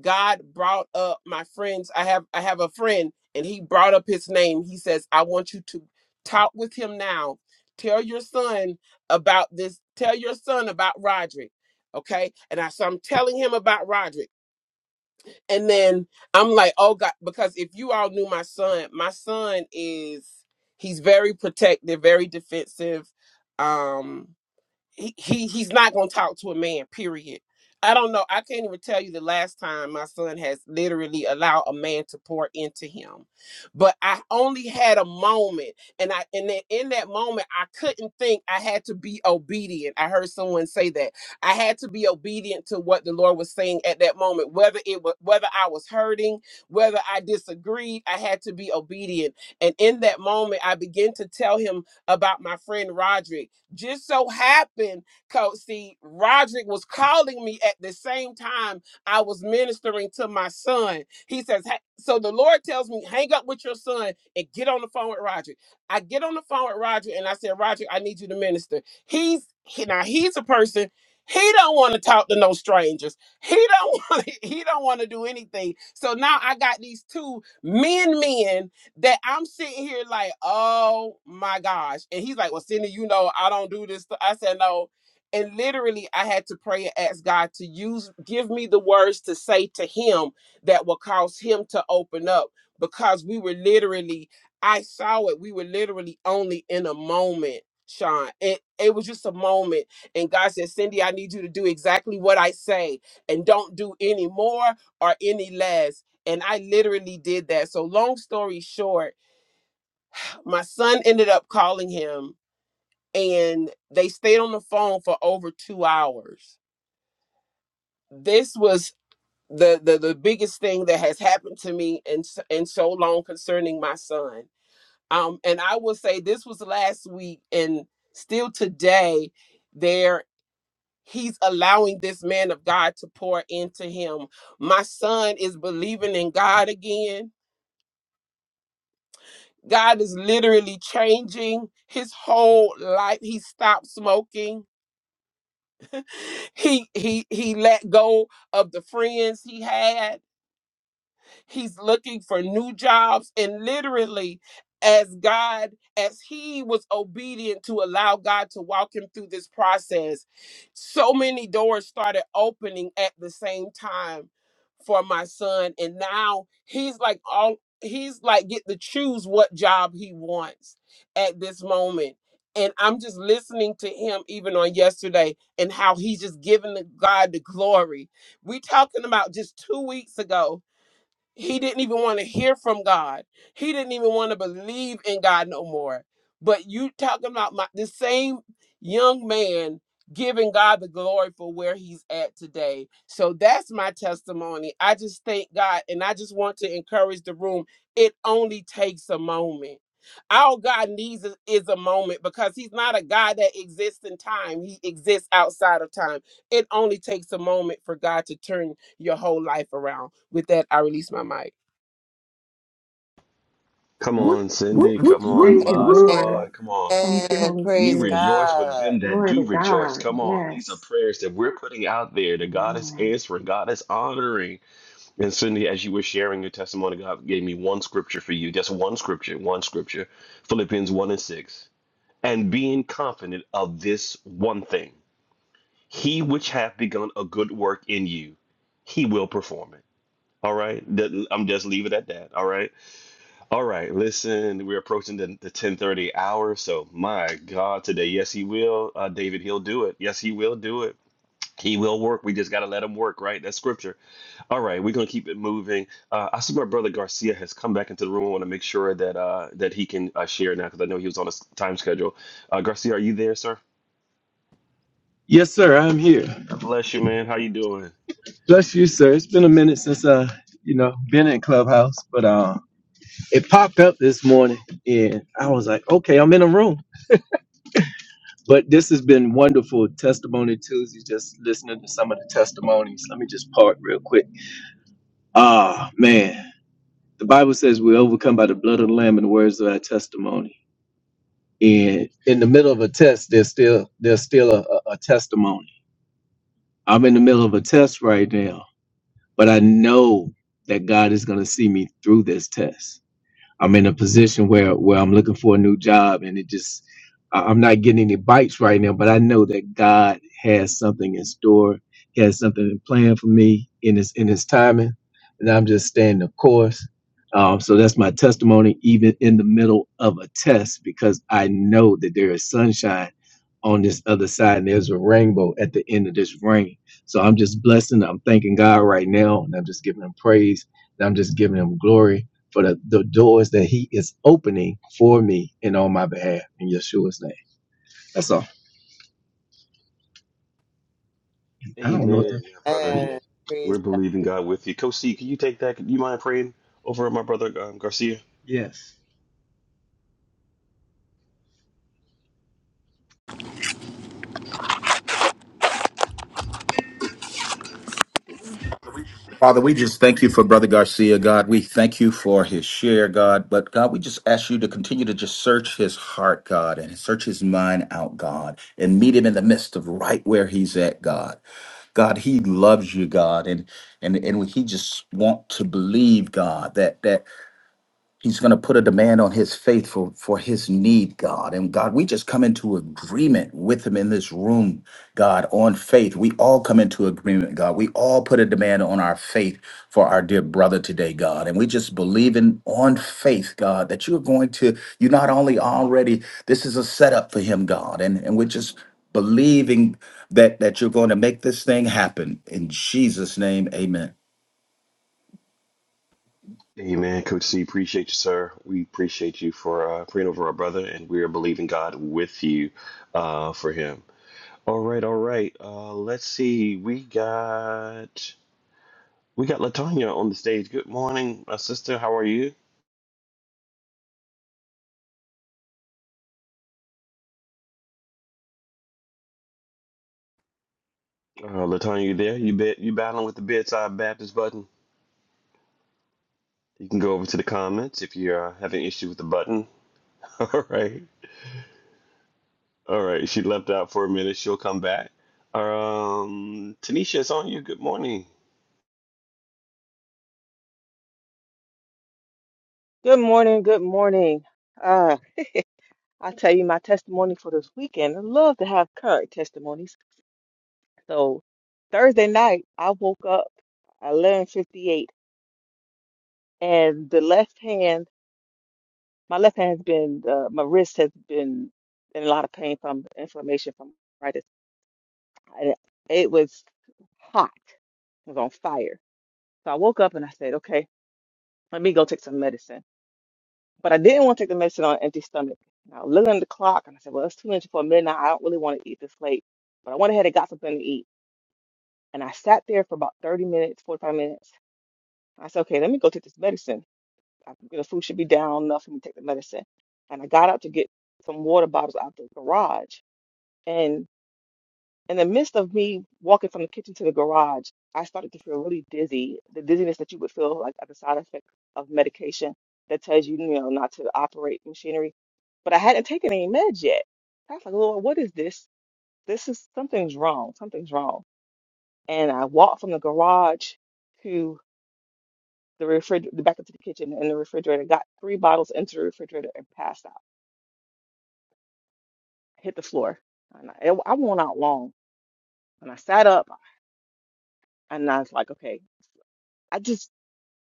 God brought up my friends. I have I have a friend, and he brought up his name. He says, "I want you to talk with him now. Tell your son about this. Tell your son about Roderick." Okay, and I so I'm telling him about Roderick, and then I'm like, "Oh God," because if you all knew my son, my son is he's very protective, very defensive. Um, he, he he's not gonna talk to a man, period. I don't know. I can't even tell you the last time my son has literally allowed a man to pour into him. But I only had a moment and I and then in that moment I couldn't think I had to be obedient. I heard someone say that. I had to be obedient to what the Lord was saying at that moment, whether it was whether I was hurting, whether I disagreed, I had to be obedient. And in that moment I began to tell him about my friend Roderick just so happened, Coach, see, Roderick was calling me at the same time I was ministering to my son. He says, "Hey," so the Lord tells me, hang up with your son and get on the phone with Roderick. I get on the phone with Roderick and I said, Roderick, I need you to minister. He's he, now he's a person. He don't want to talk to no strangers. He don't [laughs] want. He don't want to do anything. So now I got these two men, men that I'm sitting here like, oh my gosh. And he's like, well, Cindy, you know, I don't do this. I said, no. And literally, I had to pray and ask God to use, give me the words to say to him that will cause him to open up because we were literally, I saw it. We were literally only in a moment, Sean. It, it was just a moment. And God said, Cindy, I need you to do exactly what I say and don't do any more or any less and I literally did that. So, long story short, my son ended up calling him and they stayed on the phone for over two hours. This was the, the, the biggest thing that has happened to me in, s- in so long concerning my son. Um, and I will say this was last week and still today, there he's allowing this man of God to pour into him. My son is believing in God again God is literally changing his whole life. He stopped smoking. He he he let go of the friends he had. He's looking for new jobs. And literally, as God, as he was obedient to allow God to walk him through this process, so many doors started opening at the same time for my son. And now he's like all he's like get to choose what job he wants at this moment. And I'm just listening to him even on yesterday and how he's just giving the- God the glory. We talking about just two weeks ago. He didn't even want to hear from God. He didn't even want to believe in God no more. But you talking about my the same young man giving God the glory for where he's at today. So that's my testimony. I just thank God and I just want to encourage the room. It only takes a moment. All God needs is, is a moment because he's not a God that exists in time. He exists outside of time. It only takes a moment for God to turn your whole life around. With that, I release my mic.
Come on, Cindy. Come on,
Thank you,
my
Lord.
squad. Come on.
Thank you,
Amen.
Holy
We
Praise
Spirit.
rejoice with
God.
them that
Glory
do
to
rejoice.
God.
Come on. These are
Yes.
prayers that we're putting out there that God is
Amen.
answering, God is honoring. And Cindy, as you were sharing your testimony, God gave me one scripture for you. Just one scripture, one scripture. Philippians 1 and 6. And being confident of this one thing, he which hath begun a good work in you, he will perform it. All right. That- I'm just leave it at that. All right all right, listen, we're approaching the, the 1030 hour. So my God, today, yes, he will. Uh, David, he'll do it. Yes, he will do it. He will work. We just got to let him work, right? That's scripture. All right, we're going to keep it moving. Uh, I see my brother Garcia has come back into the room. I want to make sure that uh, that he can uh, share now because I know he was on a s- time schedule. Uh, Garcia, are you there, sir?
Yes, sir. I'm here.
God bless you, man. How you doing?
Bless you, sir. It's been a minute since uh, you know, been in Clubhouse, but uh, it popped up this morning, and I was like, okay, I'm in a room. But this has been wonderful testimony Tuesday. Just listening to some of the testimonies. Let me just park real quick. Ah, man, the Bible says we overcome by the blood of the Lamb and the words of our testimony. And in the middle of a test, there's still there's still a, a a testimony. I'm in the middle of a test right now but I know that God is going to see me through this test. I'm in a position where where I'm looking for a new job, and it just I- I'm not getting any bites right now. But I know that God has something in store, He has something in plan for me in His in His timing, and I'm just staying the course. Um, so that's my testimony, even in the middle of a test, because I know that there is sunshine on this other side, and there's a rainbow at the end of this rain. So I'm just blessing. I'm thanking God right now, and I'm just giving Him praise. And I'm just giving Him glory for the, the doors that he is opening for me and on my behalf in Yeshua's name. That's all. I don't know what that.
Amen, my brother.
is.
And praise
We're believing God with you. Coach C, can you take that? You mind praying over my brother um, Garcia?
Yes.
Father, we just thank you for Brother Garcia, God. We thank you for his share, God. But God, we just ask you to continue to just search his heart, God, and search his mind out, God, and meet him in the midst of right where he's at, God. God, he loves you, God, and and and he just want to believe, God, that that He's going to put a demand on his faithful for, for his need, God. And God, we just come into agreement with him in this room, God, on faith. We all come into agreement, God. We all put a demand on our faith for our dear brother today, God. And we just believe in on faith, God, that you're going to, you not only already, this is a setup for him, God. And, and we're just believing that that you're going to make this thing happen. In Jesus' name, amen.
Amen, Coach C. Appreciate you, sir. We appreciate you for uh, praying over our brother, and we are believing God with you uh, for him. All right, all right. Uh, let's see. We got we got Latanya on the stage. Good morning, my sister. How are you? Uh, Latanya, you there? You bet. You battling with the bedside Baptist button? You can go over to the comments if you're uh, having issue with the button. [laughs] All right, all right. She left out for a minute. She'll come back. Um, Tanisha, it's on you. Good morning.
Good morning, good morning. Uh, I'll tell you my testimony for this weekend. I love to have current testimonies. So Thursday night, I woke up at 11:58, and the left hand, my left hand's been, uh, my wrist has been in a lot of pain from inflammation from arthritis. And It was hot, it was on fire. So I woke up and I said, okay, let me go take some medicine. But I didn't want to take the medicine on an empty stomach. And I was looking at the clock and I said, well, it's two minutes for midnight. I don't really want to eat this late. But I went ahead and got something to eat. And I sat there for about 30 minutes, 45 minutes. I said, okay, let me go take this medicine. I, you know, food should be down enough for me to take the medicine. And I got out to get some water bottles out the garage. In the midst of me walking from the kitchen to the garage, I started to feel really dizzy, the dizziness that you would feel like at the side effect of medication that tells you, you know, not to operate machinery. But I hadn't taken any meds yet. I was like, Lord, what is this? This is something's wrong. Something's wrong. And I walked from the garage to the refrigerator, back into the kitchen and the refrigerator, got three bottles into the refrigerator and passed out. hit the floor. And I, I won't out long. And I sat up and I was like, okay, I just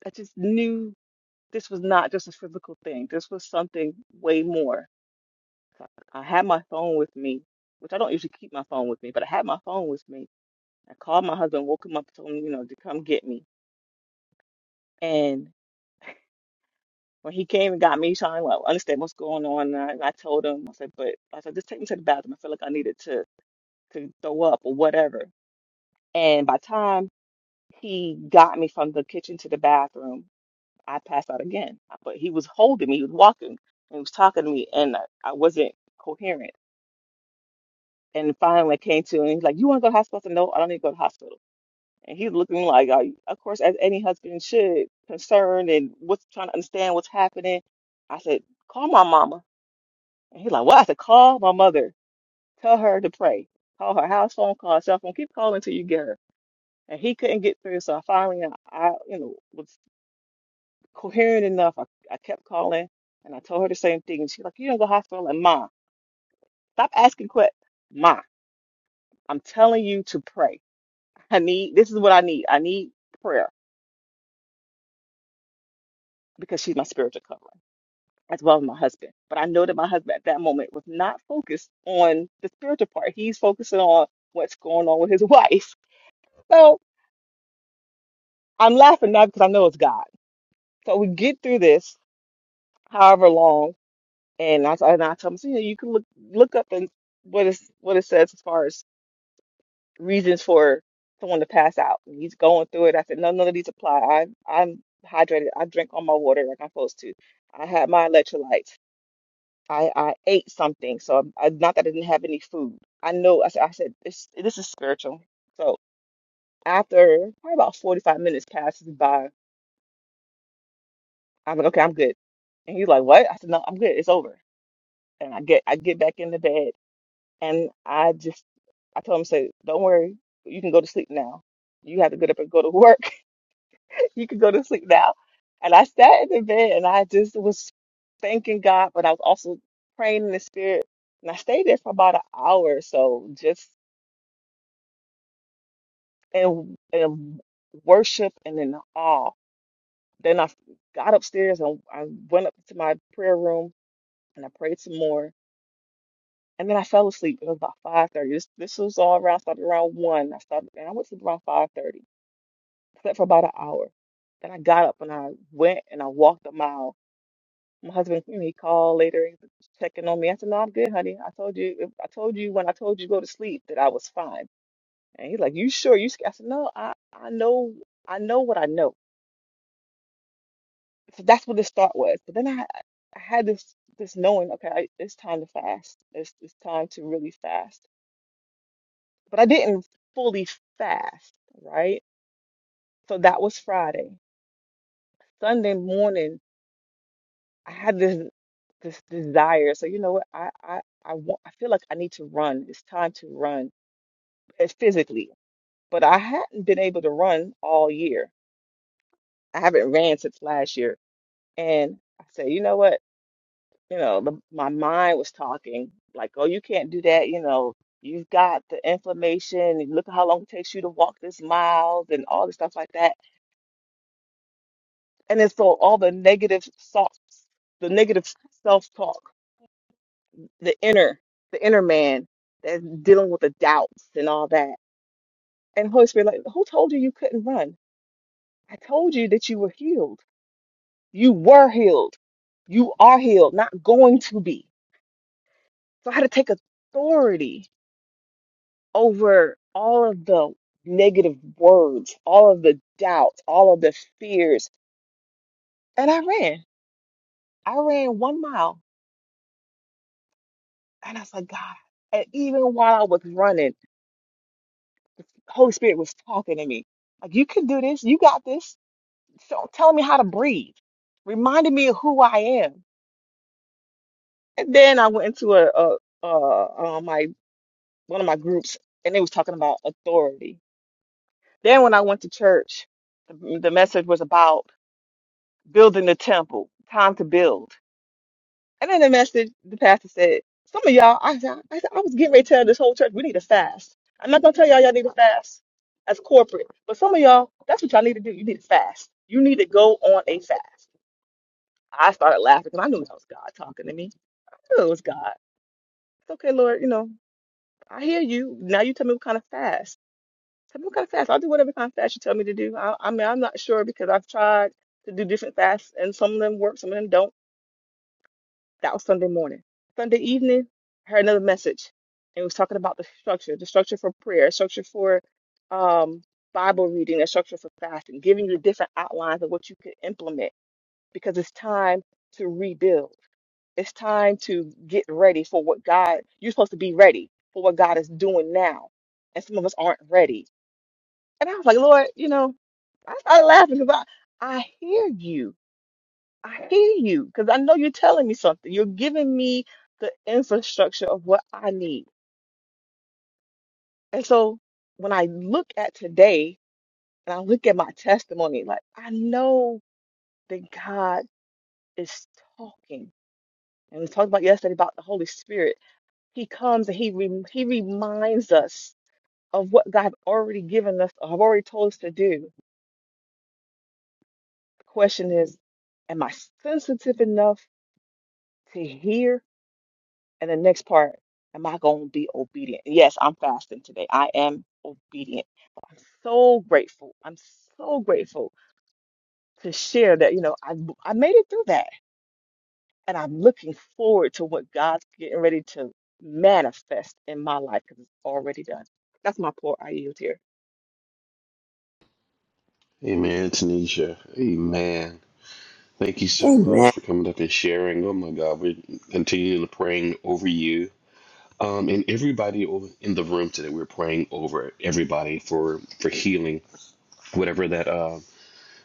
I just knew this was not just a physical thing. This was something way more. So I I had my phone with me, which I don't usually keep my phone with me, but I had my phone with me. I called my husband, woke him up, told him, you know, to come get me. And when he came and got me, trying to like, understand what's going on, and I, I told him, I said, but I said, just take me to the bathroom. I feel like I needed to to throw up or whatever. And by the time he got me from the kitchen to the bathroom, I passed out again. But he was holding me, he was walking, and he was talking to me, and I, I wasn't coherent. And finally, I came to, and he's like, "You want to go to the hospital?" I said, "No, I don't need to go to the hospital." And he's looking like, uh, of course, as any husband should, concerned and what's trying to understand what's happening. I said, "Call my mama," and he's like, "What?" I said, "Call my mother. Tell her to pray. Call her house phone, call her cell phone. Keep calling until you get her." And he couldn't get through, so I finally, I, you know, was coherent enough. I, I kept calling and I told her the same thing. And she's like, You don't go to the hospital? And Ma, stop asking questions. Ma, I'm telling you to pray. I need, this is what I need. I need prayer because she's my spiritual covering as well as my husband. But I know that my husband at that moment was not focused on the spiritual part. He's focusing on what's going on with his [laughs] wife. So I'm laughing now because I know it's God. So we get through this however long. And I, and I tell him, so, you know, you can look look up and what is what it says as far as reasons for someone to pass out. And he's going through it. I said, no, none of these apply. I, I'm hydrated. I drink all my water like I'm supposed to. I had my electrolytes. I, I ate something. So I'm, I, not that I didn't have any food. I know. I said, I said this, this is spiritual. So after probably about 45 minutes passes by, I'm like, okay, I'm good. And he's like, what? I said, no, I'm good. It's over. And I get, I get back in the bed and I just, I told him, say, don't worry. You can go to sleep now. You have to get up and go to [laughs] work You can go to sleep now. And I sat in the bed and I just was thanking God, but I was also praying in the spirit. And I stayed there for about an hour or so, just in, in worship and in awe. Then I got upstairs and I went up to my prayer room and I prayed some more. And then I fell asleep. It was about 5:30. This, this was all around, started around 1. I started, and I went to sleep around 5:30. Slept for about an hour. Then I got up and I went and I walked a mile My husband, you know, he called later, he was checking on me. I said, "No, I'm good, honey. I told you, I told you when I told you to go to sleep that I was fine." And he's like, "You sure? You?" sc-" I said, "No, I, I know, I know what I know." So that's what this thought was. But then I, I had this, this knowing, okay, I, it's time to fast. It's, it's time to really fast. But I didn't fully fast, right? So that was Friday. Sunday morning, I had this this desire. So you know what? I I I want. I feel like I need to run. It's time to run. uh, physically, but I hadn't been able to run all year. I haven't ran since last year. And I said, you know what? You know, the, my mind was talking like, oh, you can't do that. You know, you've got the inflammation. and Look how long it takes you to walk this miles and all this stuff like that. And then so all the negative self, the negative self-talk, the inner, the inner man that's dealing with the doubts and all that. And Holy Spirit, like, who told you you couldn't run? I told you that you were healed. You were healed. You are healed, not going to be. So I had to take authority over all of the negative words, all of the doubts, all of the fears. And I ran. I ran one mile and I was like, God. And even while I was running, the Holy Spirit was talking to me. Like, you can do this. You got this. So telling me how to breathe, reminding me of who I am. And then I went into a, a, a, uh, my one of my groups and they was talking about authority. Then when I went to church, the the message was about building the temple, time to build. And then the message, the pastor said, some of y'all, I, said- I, said- I was getting ready to tell this whole church, we need to fast. I'm not going to tell y'all y'all need to fast as corporate, but some of y'all, that's what y'all need to do. You need to fast. You need to go on a fast. I started laughing because I knew that was God talking to me. I knew it was God. It's okay, Lord, you know, I hear you. Now you tell me what kind of fast. Tell me kind of fast. I'll do whatever kind of fast you tell me to do. I, I mean, I'm not sure because I've tried to do different fasts and some of them work, some of them don't. That was Sunday morning. Sunday evening, I heard another message and it was talking about the structure, the structure for prayer, structure for um, Bible reading, a structure for fasting, giving you different outlines of what you could implement because it's time to rebuild. It's time to get ready for what God, you're supposed to be ready for what God is doing now. And some of us aren't ready and I was like, Lord, you know, I started laughing because I, I hear you. I hear you because I know you're telling me something. You're giving me the infrastructure of what I need. And so when I look at today and I look at my testimony, like I know that God is talking. And we talked about yesterday about the Holy Spirit. He comes and he rem he reminds us of what God already given us, or have already told us to do. The question is, am I sensitive enough? to hear. And the next part, am I going to be obedient? Yes, I'm fasting today. I am obedient. But I'm so grateful. I'm so grateful to share that, you know, I, I made it through that. And I'm looking forward to what God's getting ready to manifest in my life because it's already done. That's my poor I yield here.
Amen, Tanisha. Amen. Thank you so much
Amen.
for coming up and sharing. Oh my God, we're continually praying over you. Um, and everybody over in the room today, we're praying over everybody for for healing, whatever that uh,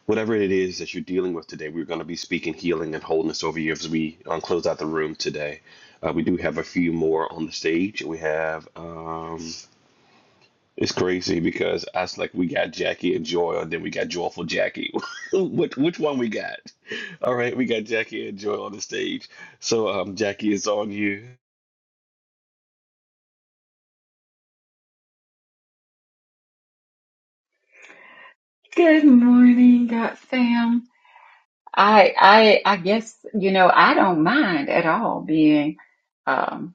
whatever it is that you're dealing with today. We're going to be speaking healing and wholeness over you as we um, close out the room today. Uh, we do have a few more on the stage. We have. um, it's crazy because us like we got Jackie and Joy, and then we got Joyful Jackie. [laughs] which which one we got? All right, we got Jackie and Joy on the stage. So um, Jackie is on you.
Good morning, God fam. I I I guess you know I don't mind at all being um,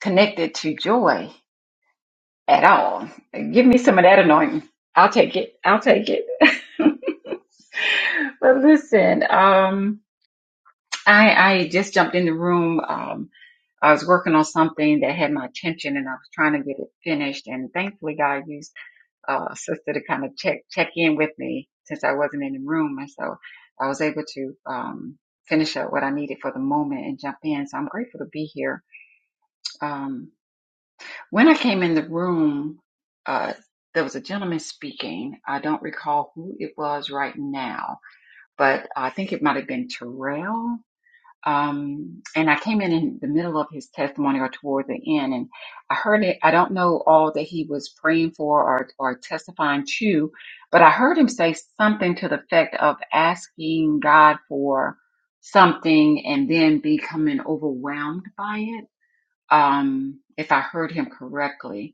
connected to joy at all. Give me some of that anointing. I'll take it. I'll take it. [laughs] but listen, um, I I just jumped in the room. Um, I was working on something that had my attention and I was trying to get it finished. And thankfully God used uh, a sister to kind of check, check in with me since I wasn't in the room. And so I was able to, um, finish up what I needed for the moment and jump in. So I'm grateful to be here. Um, when I came in the room, uh, there was a gentleman speaking. I don't recall who it was right now, but I think it might have been Terrell um, and I came in in the middle of his testimony or toward the end, and I heard it. I don't know all that he was praying for or or testifying to, but I heard him say something to the effect of asking God for something and then becoming overwhelmed by it. Um, if I heard him correctly,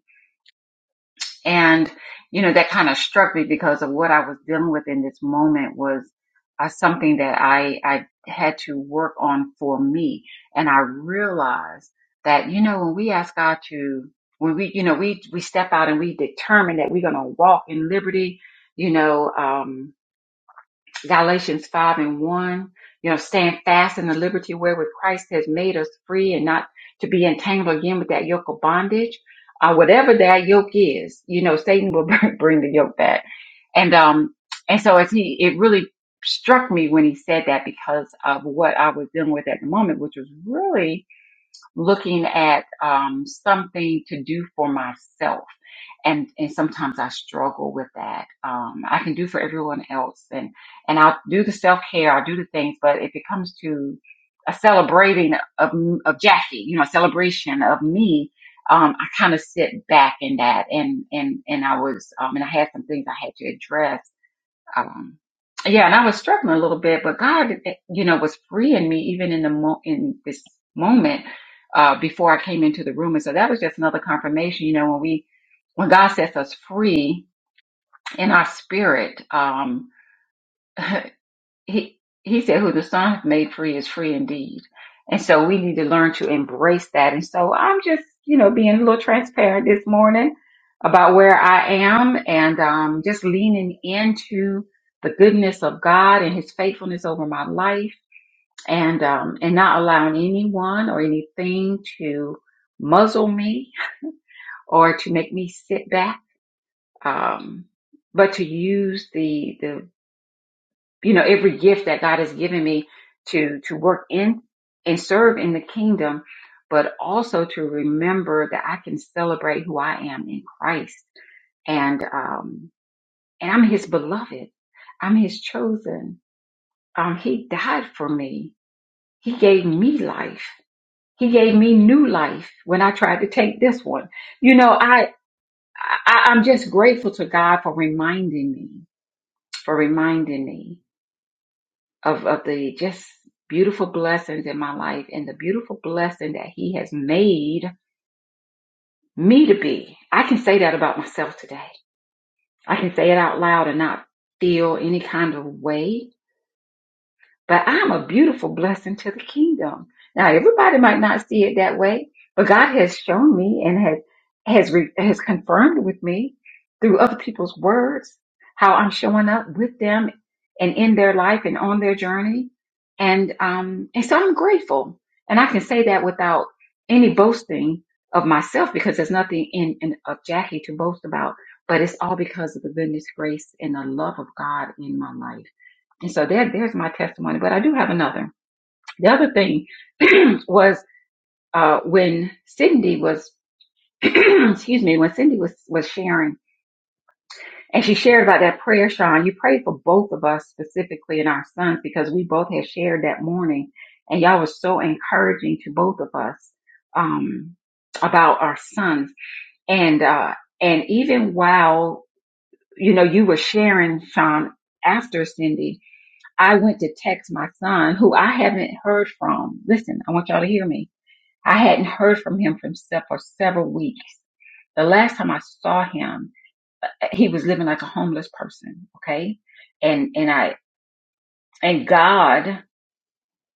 and, you know, that kind of struck me because of what I was dealing with in this moment was uh, something that I, I had to work on for me. And I realized that, you know, when we ask God to, when we, you know, we, we step out and we determine that we're going to walk in liberty, you know, um, Galatians 5 and 1, you know, stand fast in the liberty wherewith Christ has made us free and not to be entangled again with that yoke of bondage. Uh, whatever that yoke is, you know, Satan will [laughs] bring the yoke back. And, um, and so as he, it really struck me when he said that because of what I was dealing with at the moment, which was really looking at um, something to do for myself. And, and sometimes I struggle with that. Um, I can do for everyone else and, and I'll do the self care. I'll do the things, but if it comes to a celebrating of, of Jackie, you know, a celebration of me, um, I kind of sit back in that and, and, and I was, um, and I had some things I had to address um, yeah, and I was struggling a little bit, but God, eh, you know, was freeing me even in the mo- in this moment uh, before I came into the room, and so that was just another confirmation. You know, when we when God sets us free in our spirit, um, he he said who the son hath made free is free indeed and so we need to learn to embrace that and so i'm just you know being a little transparent this morning about where i am and um, just leaning into the goodness of god and his faithfulness over my life and um, and not allowing anyone or anything to muzzle me or to make me sit back um, but to use the the you know every gift that God has given me to to work in and serve in the kingdom, but also to remember that I can celebrate who I am in Christ and um and I'm his beloved. I'm his chosen. Um he died for me. He gave me life. He gave me new life when I tried to take this one. You know, I, I I'm just grateful to God for reminding me, for reminding me. of of the just beautiful blessings in my life and the beautiful blessing that he has made me to be. I can say that about myself today. I can say it out loud and not feel any kind of way but I'm a beautiful blessing to the kingdom. Now, everybody might not see it that way, but God has shown me and has has re, has confirmed with me through other people's words how I'm showing up with them and in their life and on their journey, and um and so I'm grateful, and I can say that without any boasting of myself because there's nothing in, in of Jackie to boast about, but it's all because of the goodness, grace, and the love of God in my life. And so there, there's my testimony. But I do have another. The other thing [clears throat] was uh, when Cindy was, [clears throat] excuse me, when Cindy was was sharing, and she shared about that prayer, Sean. You prayed for both of us specifically and our sons because we both had shared that morning, and y'all was so encouraging to both of us um, about our sons. And uh, and even while you know you were sharing, Sean, after Cindy, I went to text my son, who I haven't heard from. Listen, I want y'all to hear me. I hadn't heard from him from se- for several weeks. The last time I saw him, he was living like a homeless person. Okay, and and I and God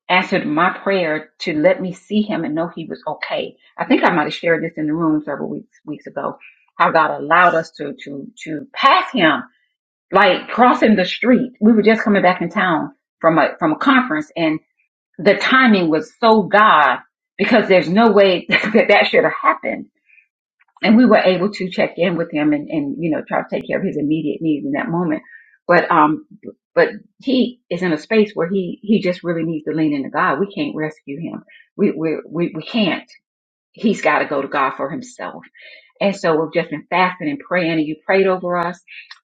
answered my prayer to let me see him and know he was okay. I think I might have shared this in the room several weeks weeks ago. How God allowed us to to to pass him, like crossing the street. We were just coming back in town from a from a conference, and the timing was so God because there's no way [laughs] that that should have happened. And we were able to check in with him and, and, you know, try to take care of his immediate needs in that moment. But, um, but he is in a space where he, he just really needs to lean into God. We can't rescue him. We, we, we, we can't. He's got to go to God for himself. And so we've just been fasting and praying and you prayed over us.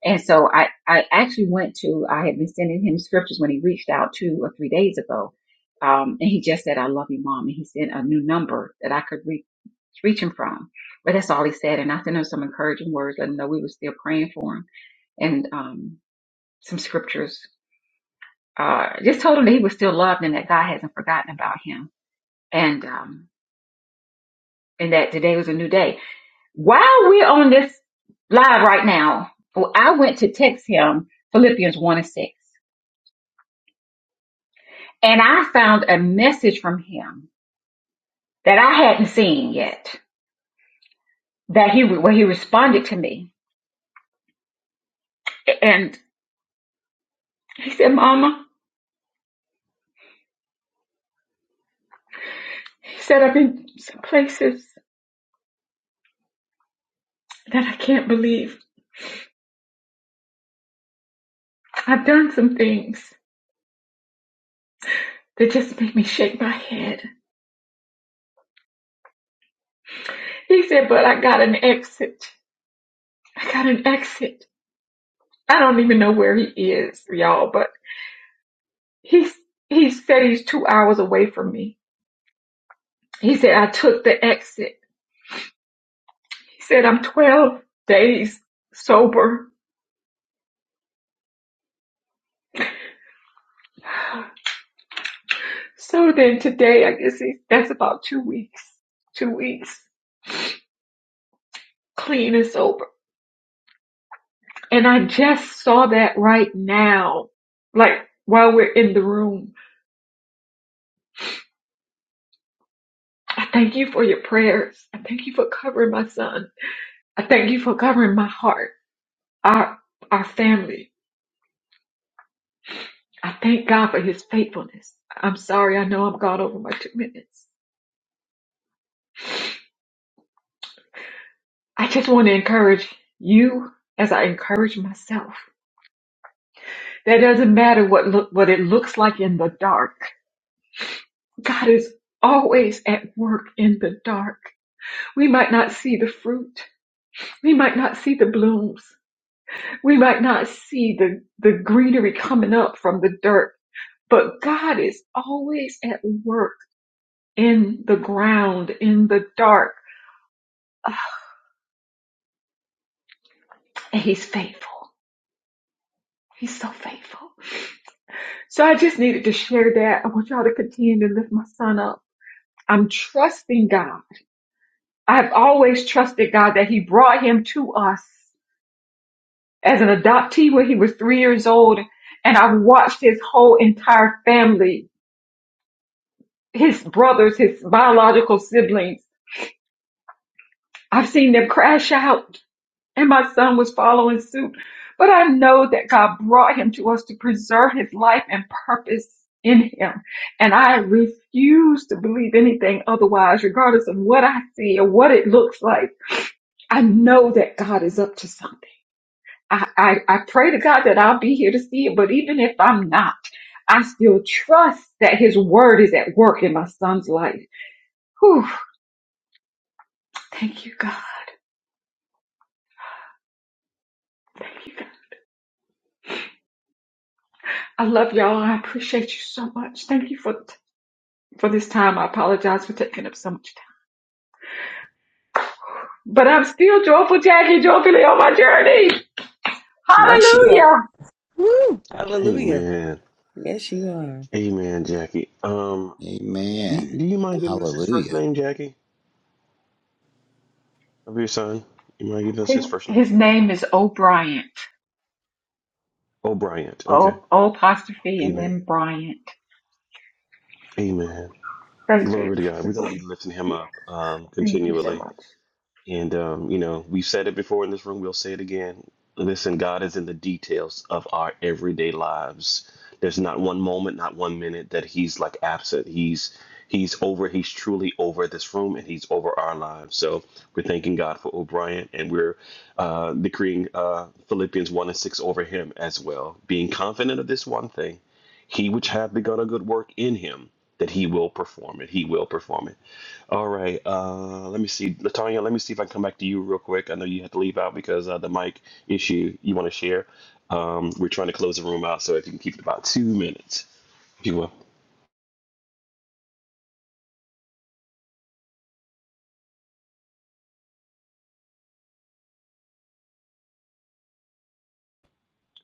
And so I, I actually went to, I had been sending him scriptures when he reached out two or three days ago. Um, and he just said, I love you, mom. And he sent a new number that I could reach, reach him from. But that's all he said. And I sent him some encouraging words, letting him know we were still praying for him and, um, some scriptures. Uh, just told him that he was still loved and that God hasn't forgotten about him. And, um, and that today was a new day While we're on this live right now, well, I went to text him Philippians 1 and 6, and I found a message from him that I hadn't seen yet, that he, where he responded to me. And he said, Mama, he said, I've been some places that I can't believe. I've done some things that just make me shake my head. He said, but I got an exit. I got an exit. I don't even know where he is, y'all, but." He he said he's two hours away from me. He said I took the exit. He said I'm 12 days sober. So then today, I guess he, that's about two weeks. Two weeks clean and sober. And I just saw that right now, like while we're in the room. I thank you for your prayers. I thank you for covering my son. I thank you for covering my heart, our our family. I thank God for His faithfulness. I'm sorry. I know I'm gone over my two minutes. I just want to encourage you as I encourage myself. That doesn't matter what look what it looks like in the dark. God is always at work in the dark. We might not see the fruit. We might not see the blooms. We might not see the, the greenery coming up from the dirt. But God is always at work in the ground, in the dark. Ah, And He's faithful. He's so faithful. So I just needed to share that. I want y'all to continue to lift my son up. I'm trusting God. I've always trusted God that He brought him to us as an adoptee when he was three years old. And I've watched his whole entire family, his brothers, his biological siblings. I've seen them crash out. and my son was following suit. But I know that God brought him to us to preserve his life and purpose in him. And I refuse to believe anything otherwise, regardless of what I see or what it looks like. I know that God is up to something. I, I, I pray to God that I'll be here to see it, but even if I'm not, I still trust that his word is at work in my son's life. Whew, thank you, God. I love y'all. I appreciate you so much. Thank you for for this time. I apologize for taking up so much time. But I'm still joyful, Jackie, joyfully on my journey.
Yes, you are.
Hallelujah.
Woo!
Hey
Hallelujah.
man,
Yes, you are.
hey man, Jackie. Um, do,
Amen.
do you mind giving us his first
Hallelujah.
name, Jackie, of your son? You mind giving us
His,
his first name?
his name is O'Brien.
Oh, Bryant. Okay.
O, o apostrophe and
Amen.
then Bryant.
Amen.
Thank you.
Glory to God. We're gonna be lifting him up um,
Thank you so
continually.
much.
And, um, you know, we've said it before in this room, we'll say it again. Listen, God is in the details of our everyday lives. There's not one moment, not one minute that He's like absent. He's He's over, He's truly over this room and He's over our lives. So we're thanking God for O'Brien and we're uh, decreeing uh, Philippians 1 and 6 over him as well, being confident of this one thing. He which hath begun a good work in him, that he will perform it. He will perform it. All right. Uh, let me see, Latonya. Let me see if I can come back to you real quick. I know you had to leave out because uh, the mic issue you want to share. Um, we're trying to close the room out, so if you can keep it about two minutes, if you will.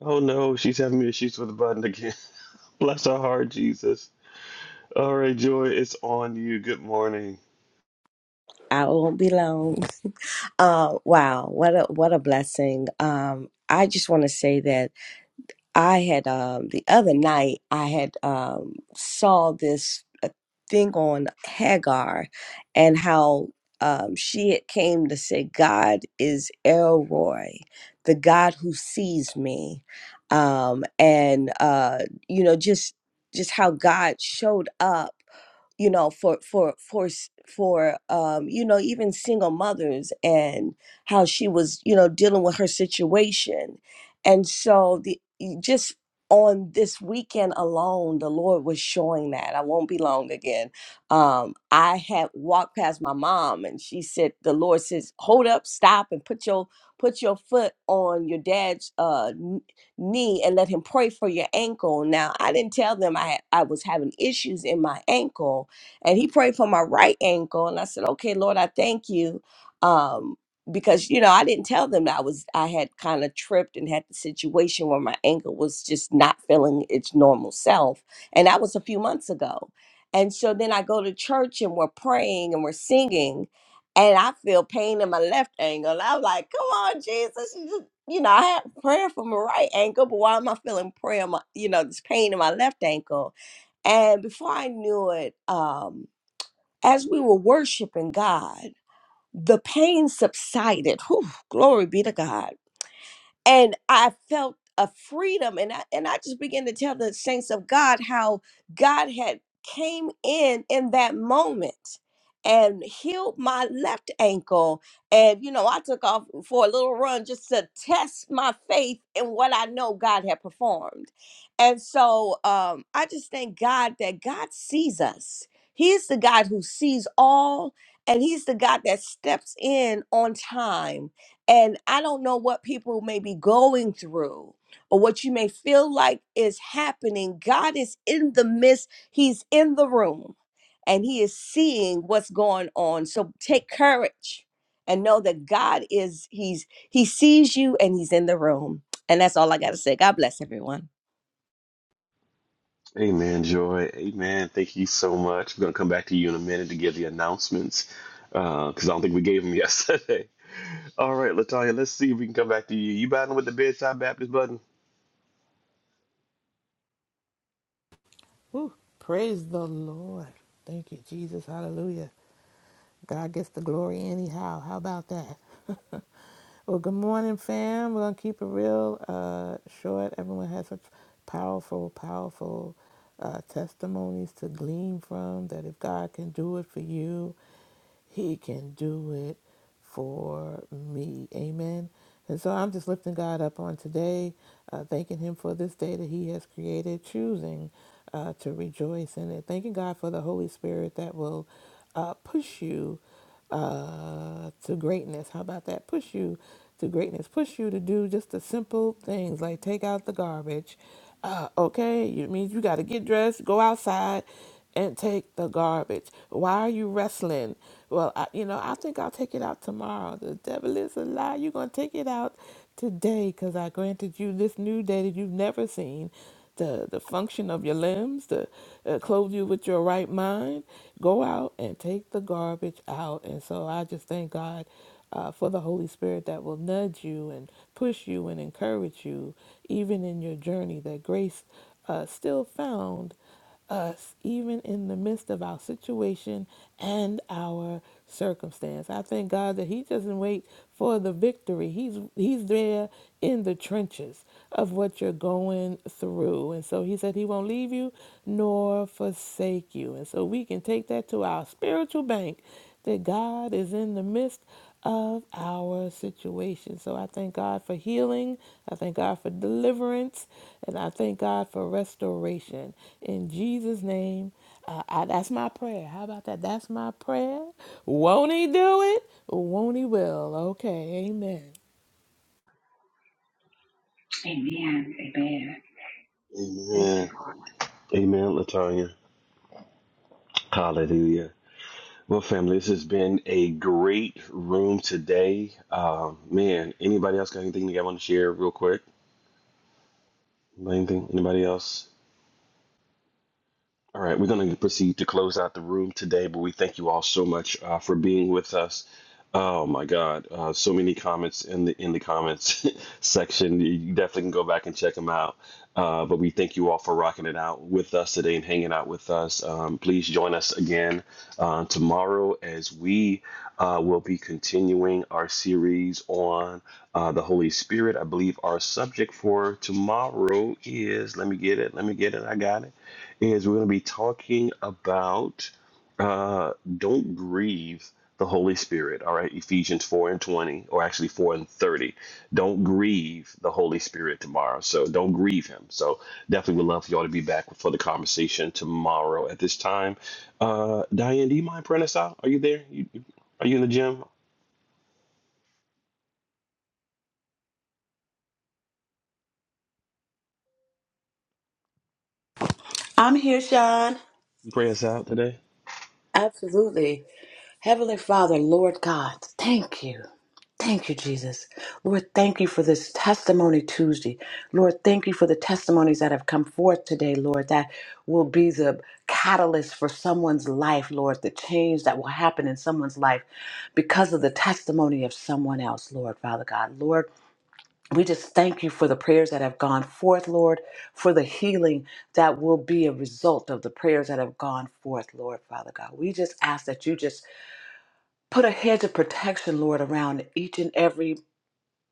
Oh no, she's having issues with the button again. [laughs] Bless her heart, Jesus. All right, Joy, it's on you. Good morning.
I won't be long. Uh, wow, what a what a blessing. Um, I just want to say that I had um the other night I had um saw this uh, thing on Hagar, and how um she had came to say God is Elroy, the God who sees me, um, and uh you know just just how God showed up you know for for for s- for um you know even single mothers and how she was you know dealing with her situation and so the y- just on this weekend alone the lord was showing that i won't be long again um i had walked past my mom and she said the lord says hold up stop and put your put your foot on your dad's uh kn- knee and let him pray for your ankle now i didn't tell them i i was having issues in my ankle and he prayed for my right ankle and i said okay lord i thank you um because you know i didn't tell them that i was i had kind of tripped and had the situation where my ankle was just not feeling its normal self and that was a few months ago and so then i go to church and we're praying and we're singing and i feel pain in my left ankle and i'm like come on jesus you just- you know i had prayer for my right ankle but why am i feeling prayer in my, you know this pain in my left ankle and before I knew it, um. As we were worshiping God, the pain subsided. Whew, glory be to God and I felt a freedom and I and I just began to tell the saints of God how God had came in in that moment and healed my left ankle and you know I took off for a little run just to test my faith in what I know God had performed and so um I just thank God that God sees us he's the God who sees all and he's the God that steps in on time and I don't know what people may be going through or what you may feel like is happening. God is in the midst, He's in the room, and He is seeing what's going on. So take courage and know that God is, He's He sees you and He's in the room. And that's all I got to say. God bless everyone.
Amen, Joy. Amen. Thank you so much. We're gonna come back to you in a minute to give the announcements because I don't think we gave them [laughs] yesterday. All right, Latonya. Let's see if we can come back to you. You battling with the bedside Baptist button?
Woo. Praise the Lord. Thank you, Jesus. Hallelujah. God gets the glory anyhow. How about that? [laughs] Well, good morning, fam. We're going to keep it real uh, short. Everyone has such powerful, powerful uh, testimonies to glean from that if God can do it for you, He can do it for me. Amen. And so I'm just lifting God up on today, uh, thanking Him for this day that He has created, choosing uh, to rejoice in it, thanking God for the Holy Spirit that will uh, push you uh, to greatness. How about that? Push you to greatness. Push you to do just the simple things like take out the garbage. Uh, okay, you mean you got to get dressed, go outside, and take the garbage. Why are you wrestling? Well, I, you know, I think I'll take it out tomorrow. The devil is a lie. You're gonna take it out today because I granted you this new day that you've never seen the, the function of your limbs, to uh, clothe you with your right mind. Go out and take the garbage out. And so I just thank God uh, for the Holy Spirit that will nudge you and push you and encourage you, even in your journey, that grace uh, still found us even in the midst of our situation and our circumstance. I thank God that he doesn't wait for the victory. He's he's there in the trenches of what you're going through. And so he said he won't leave you nor forsake you. And so we can take that to our spiritual bank that God is in the midst of our situation. So I thank God for healing. I thank God for deliverance. And I thank God for restoration. In Jesus' name, uh, I, that's my prayer. How about that? That's my prayer. Won't He do it? Won't He will? Okay. Amen.
Amen. Amen. Thank
Amen.
you, Lord.
Amen, Latanya. Hallelujah. Well, family, this has been a great room today. Um, man, anybody else got anything they want to share real quick? Anything? Anybody else? All right, we're going to proceed to close out the room today, but we thank you all so much uh, for being with us. Oh my God, uh, so many comments in the in the comments [laughs] section. You definitely can go back and check them out. Uh, but we thank you all for rocking it out with us today and hanging out with us. Um, please join us again uh, tomorrow as we uh, will be continuing our series on uh, the Holy Spirit. I believe our subject for tomorrow is. Let me get it. Let me get it. I got it is we're going to be talking about uh, don't grieve the Holy Spirit. All right, Ephesians 4 and 20, or actually 4 and 30. Don't grieve the Holy Spirit tomorrow. So don't grieve him. So definitely would love for y'all to be back for the conversation tomorrow at this time. Uh, Diane, do you mind praying us out? Are you there? You, you- are you in the gym?
I'm here Sean
You pray us out today?
Absolutely. Heavenly Father, Lord God, thank you. Thank you, Jesus. Lord, thank you for this Testimony Tuesday. Lord, thank you for the testimonies that have come forth today, Lord, that will be the catalyst for someone's life, Lord, the change that will happen in someone's life because of the testimony of someone else, Lord, Father God. Lord, we just thank you for the prayers that have gone forth, Lord, for the healing that will be a result of the prayers that have gone forth, Lord, Father God. We just ask that you just put a hedge of protection, Lord, around each and every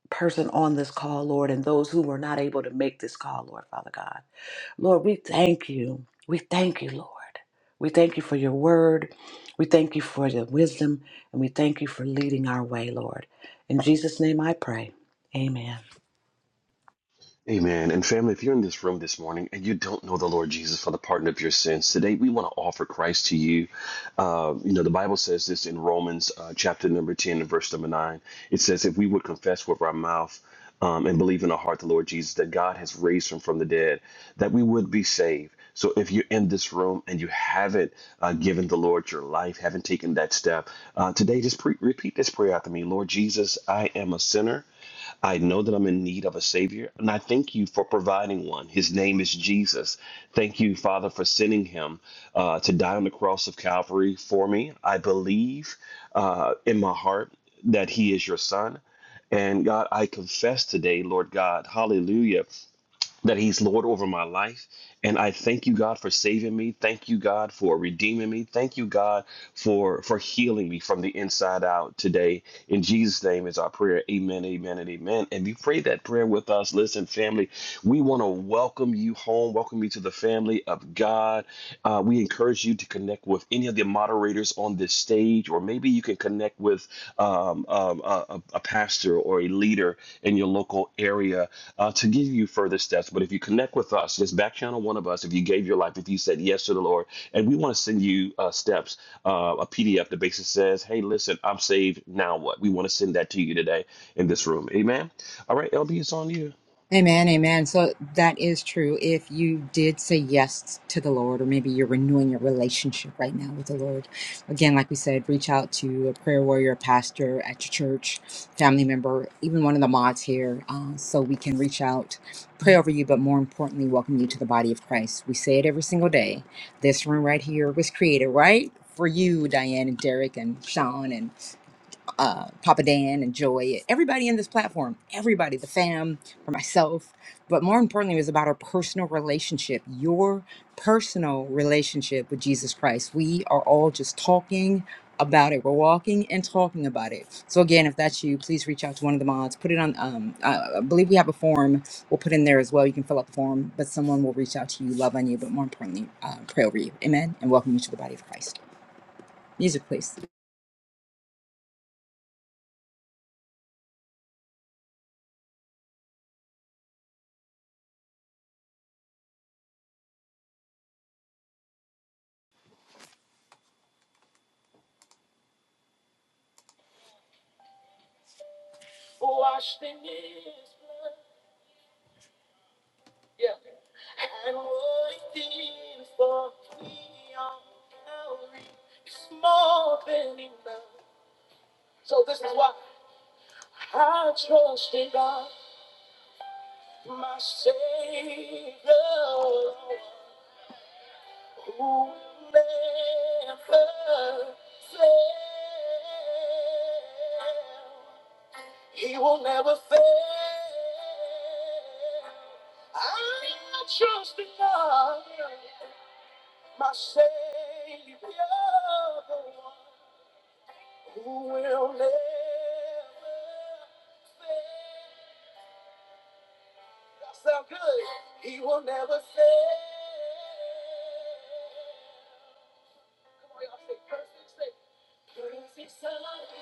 person on this call, Lord, and those who were not able to make this call, Lord, Father God. Lord, we thank you. We thank you, Lord. We thank you for your word. We thank you for your wisdom, and we thank you for leading our way, Lord. In Jesus' name I pray. Amen.
Amen. And family, if you're in this room this morning and you don't know the Lord Jesus for the pardon of your sins, today we want to offer Christ to you. Uh, you know, the Bible says this in Romans uh, chapter number 10 and verse number 9. It says, If we would confess with our mouth um, and believe in our heart the Lord Jesus, that God has raised him from the dead, that we would be saved. So if you're in this room and you haven't uh, given the Lord your life, haven't taken that step, uh, today just pre- repeat this prayer after me Lord Jesus, I am a sinner. I know that I'm in need of a Savior, and I thank you for providing one. His name is Jesus. Thank you, Father, for sending him uh, to die on the cross of Calvary for me. I believe uh, in my heart that he is your son. And God, I confess today, Lord God, hallelujah that he's Lord over my life. And I thank you, God, for saving me. Thank you, God, for redeeming me. Thank you, God, for for healing me from the inside out today. In Jesus' name is our prayer. Amen, amen, and amen. And you pray that prayer with us. Listen, family, we want to welcome you home, welcome you to the family of God. Uh, we encourage you to connect with any of the moderators on this stage, or maybe you can connect with um, um, a, a a pastor or a leader in your local area uh, to give you further steps. But if you connect with us, just back channel one of us. If you gave your life, if you said yes to the Lord, and we want to send you uh, steps, uh, a PDF that basically says, "Hey, listen, I'm saved. Now what?" We want to send that to you today in this room. Amen. All right, LB, it's on you.
Amen, amen. So that is true. If you did say yes to the Lord, or maybe you're renewing your relationship right now with the Lord, again, like we said, reach out to a prayer warrior, a pastor at your church, family member, even one of the mods here, uh, so we can reach out, pray over you, but more importantly, welcome you to the body of Christ. We say it every single day. This room right here was created, right? For you, Diane and Derek and Sean and uh, Papa Dan and Joy, everybody in this platform, everybody, the fam, for myself. But more importantly, it was about our personal relationship, your personal relationship with Jesus Christ. We are all just talking about it. We're walking and talking about it. So again, if that's you, please reach out to one of the mods. Put it on. Um, I I believe we have a form. We'll put in there as well. You can fill out the form, but someone will reach out to you, love on you, but more importantly, uh, pray over you. Amen. And welcome you to the body of Christ. Music, please.
Washed in His blood, yeah, and what He did for me on Calvary is more than enough. So this is why I trust in God. my Savior, who will never fail. He will never fail. I trust in God, my Savior, the one who will never fail. Sound good? He will never fail. Come on, y'all, say perfect faith. Perfect salvation.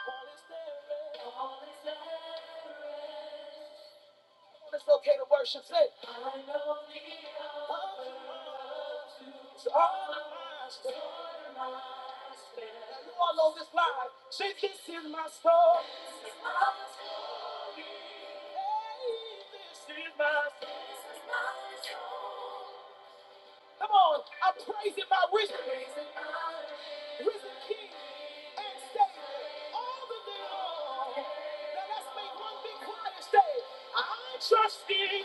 All is there. It's okay to worship. Say, it's all mine. You all know this line. Say, this is my story. Hey, this is my story. Come on, I praise him by risen, risen King and Savior, all the day long. Now let's make one big choir and say, I trust Thee.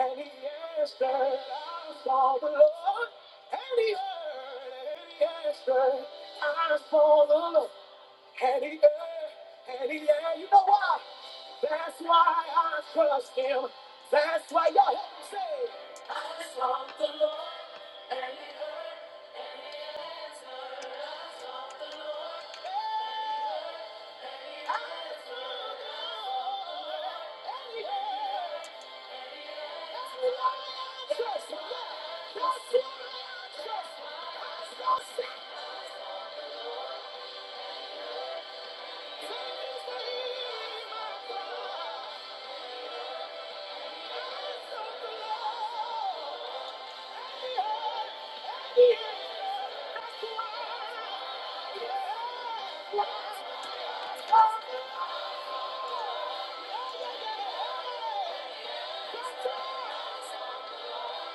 And he asked her, I saw the Lord. And he heard, and he asked her, I saw the Lord. And he heard, and he heard. You know why? That's why I trust him. That's why y'all help me say, I saw the Lord. And he heard. Hey, I saw the Lord. Hey, hey, hey, hey.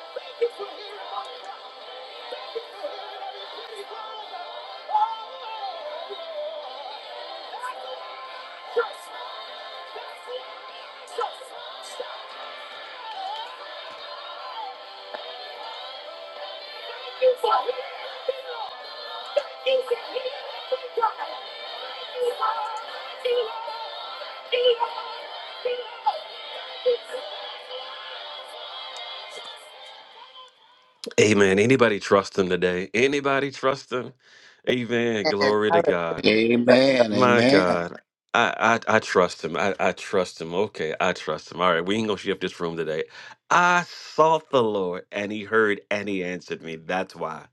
Thank you for hearing my cry. Amen. Anybody trust him today? Anybody trust him? Amen. Glory to
Hallelujah.
God.
Amen.
My
Amen.
God. I, I I trust him. I, I trust him. Okay, I trust him. All right, we ain't gonna shift this room today. I sought the Lord and he heard and he answered me. That's why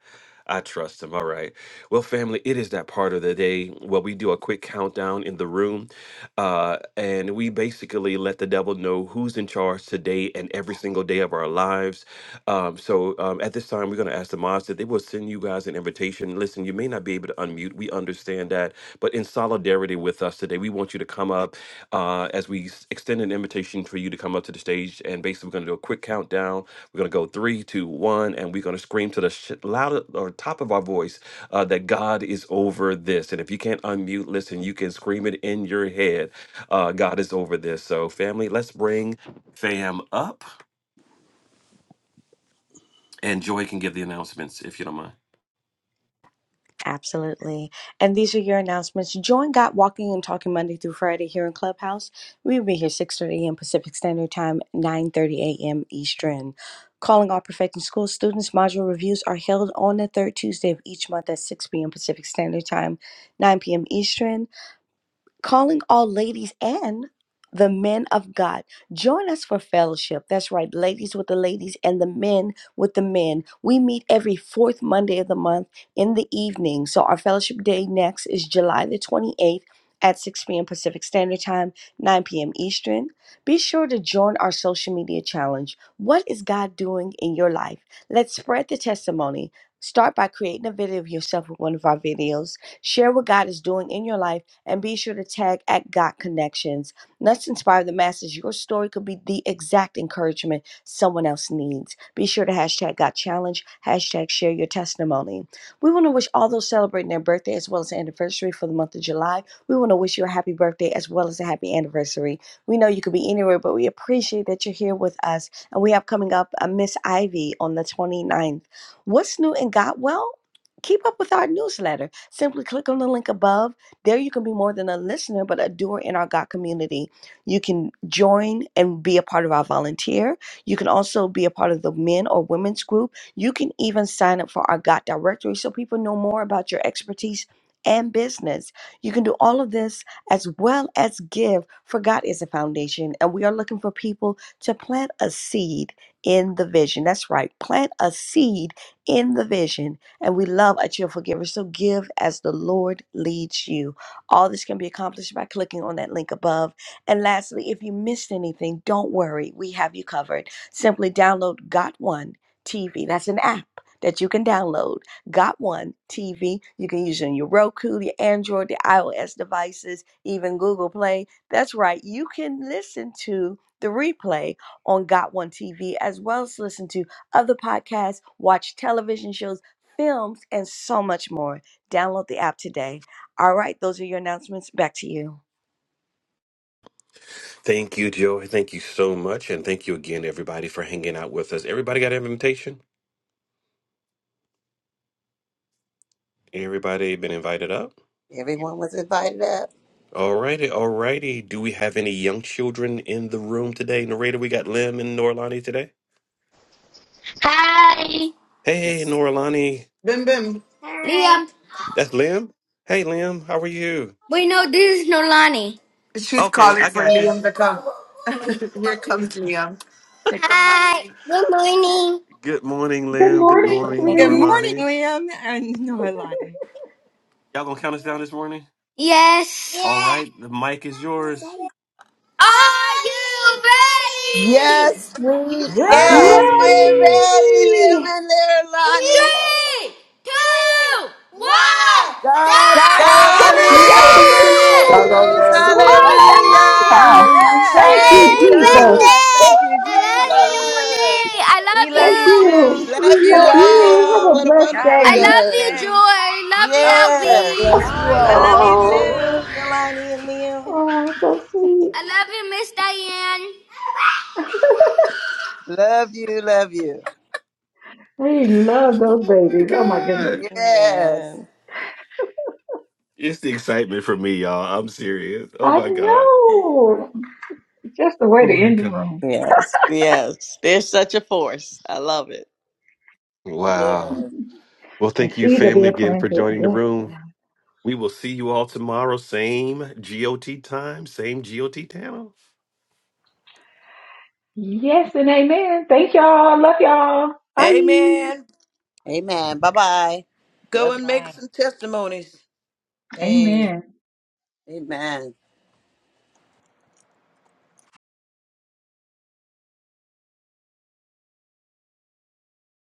I trust him. All right. Well, family, it is that part of the day where we do a quick countdown in the room. Uh, and we basically let the devil know who's in charge today and every single day of our lives. Um, so um, at this time, we're gonna ask the mods that they will send you guys an invitation. Listen, you may not be able to unmute. We understand that but in solidarity with us today, we want you to come up uh, as we s- extend an invitation for you to come up to the stage. And basically, we're going to do a quick countdown. We're going to go three, two, one, and we're going to scream to the sh- loud or top of our voice uh, that God is over this. And if you can't unmute, listen, you can scream it in your head. Uh, God is over this. So, family, let's bring fam up, and Joy can give the announcements if you don't mind.
Absolutely. And these are your announcements. Join Got Walking and Talking Monday through Friday here in Clubhouse. We'll be here 6.30 a.m. Pacific Standard Time, 9.30 a.m. Eastern. Calling all Perfecting School students, module reviews are held on the third Tuesday of each month at 6 p.m. Pacific Standard Time, 9 p.m. Eastern calling all ladies and the men of God. Join us for fellowship. That's right, ladies with the ladies and the men with the men. We meet every fourth Monday of the month in the evening. So our fellowship day next is July the 28th at 6 p.m. Pacific Standard Time, 9 p.m. Eastern. Be sure to join our social media challenge. What is God doing in your life? Let's spread the testimony. Start by creating a video of yourself with one of our videos. Share what God is doing in your life and be sure to tag at Got Connections. Let's inspire the masses. Your story could be the exact encouragement someone else needs. Be sure to hashtag Got Challenge, hashtag share your testimony. We want to wish all those celebrating their birthday as well as anniversary for the month of July. We want to wish you a happy birthday as well as a happy anniversary. We know you could be anywhere, but we appreciate that you're here with us. And we have coming up uh, Miss Ivy on the twenty ninth. What's new in Got Well? Keep up with our newsletter. Simply click on the link above there you can be more than a listener, but a doer in our God community. You can join and be a part of our volunteer. You can also be a part of the men or women's group. You can even sign up for our God directory so people know more about your expertise and business. You can do all of this as well as give, for God is a foundation, and we are looking for people to plant a seed in the vision. That's right, plant a seed in the vision. And we love a cheerful giver, so give as the Lord leads you. All this can be accomplished by clicking on that link above. And lastly, if you missed anything, don't worry, we have you covered. Simply download Got One TV. That's an app that you can download. Got One TV. You can use it on your Roku, your Android, the iOS devices, even Google Play. That's right, you can listen to the replay on Got One TV as well as listen to other podcasts, watch television shows, films, and so much more. Download the app today. All right, those are your announcements. Back to you.
Thank you, Joy. Thank you so much, and thank you again, everybody, for hanging out with us. Everybody got an invitation? Everybody been invited up?
Everyone was invited up.
Alrighty, alrighty. Do we have any young children in the room today? Narrator, we got Lim and Norlani today.
Hi,
Hey, hey, Norlani.
Bim Bim. Liam.
That's Lim? Hey, Lim, how are you?
Wait, no, this is Nolani. She's
Okay,
calling
I
for
got you.
Liam to come. [laughs] Here comes Liam. Hi.
Good morning, Lim. Good morning,
Good morning,
Norlani.
Liam. And [laughs] no, I lied.
Y'all gonna count us down this morning?
Yes.
All
Yes.
right, the mic is yours.
Are you ready?
Yes, we
Woo.
Yes,
are.
Yay!
we're
Ready.
ready, living there, Lonnie.
Three, two, one, go!
God's
God's
God
Happy
over
over
is
this.
over
this.
Dog over
this.
there. Woo,
Woo!
Hallelujah.
Hallelujah.
Hallelujah.
Yeah.
Thank
woo,
you,
Praise
woo, woo,
Jesus.
woo.
God.
birthday!
Thank you,
I
Woo.
Jesus.
love you.
Hallelujah.
I
We
love
love
Thank
you too.
you.
you.
Love
We
We
you
love
love
you.
all.
Have a
What
you.
a
Y'all
blessed
have
wonderful
a
I
day.
love
blessed
day.
you, Joy.
day.
I
Oh,
Love
God
Yes.
bless
you,
you
I
I
love
all.
you
love
Love
you
you.
Oh,
too.
too, Nalani and Liam.
oh, so
Albie.
sweet.
I love you, Miss Diane.
Love you. Love you.
We love those babies. Oh my goodness.
Yes.
Amen.
It's the excitement for me, y'all. I'm serious. Oh
I
my God.
know. Just the way
Oh
to
my
end the
God.
room.
Yes, yes. There's such a force. I love it.
Wow.
Yes.
Well,
And
thank you,
seeds are
family,
being
again for
planted.
joining the
Yes,
room.
God.
We will see you all tomorrow, same GOT time, same GOT channel.
Yes, and amen. Thank y'all. Love y'all. Bye.
Amen.
Amen. Bye bye.
Go
Love
and make
Bye.
some testimonies.
Hey.
Amen.
you. Amen.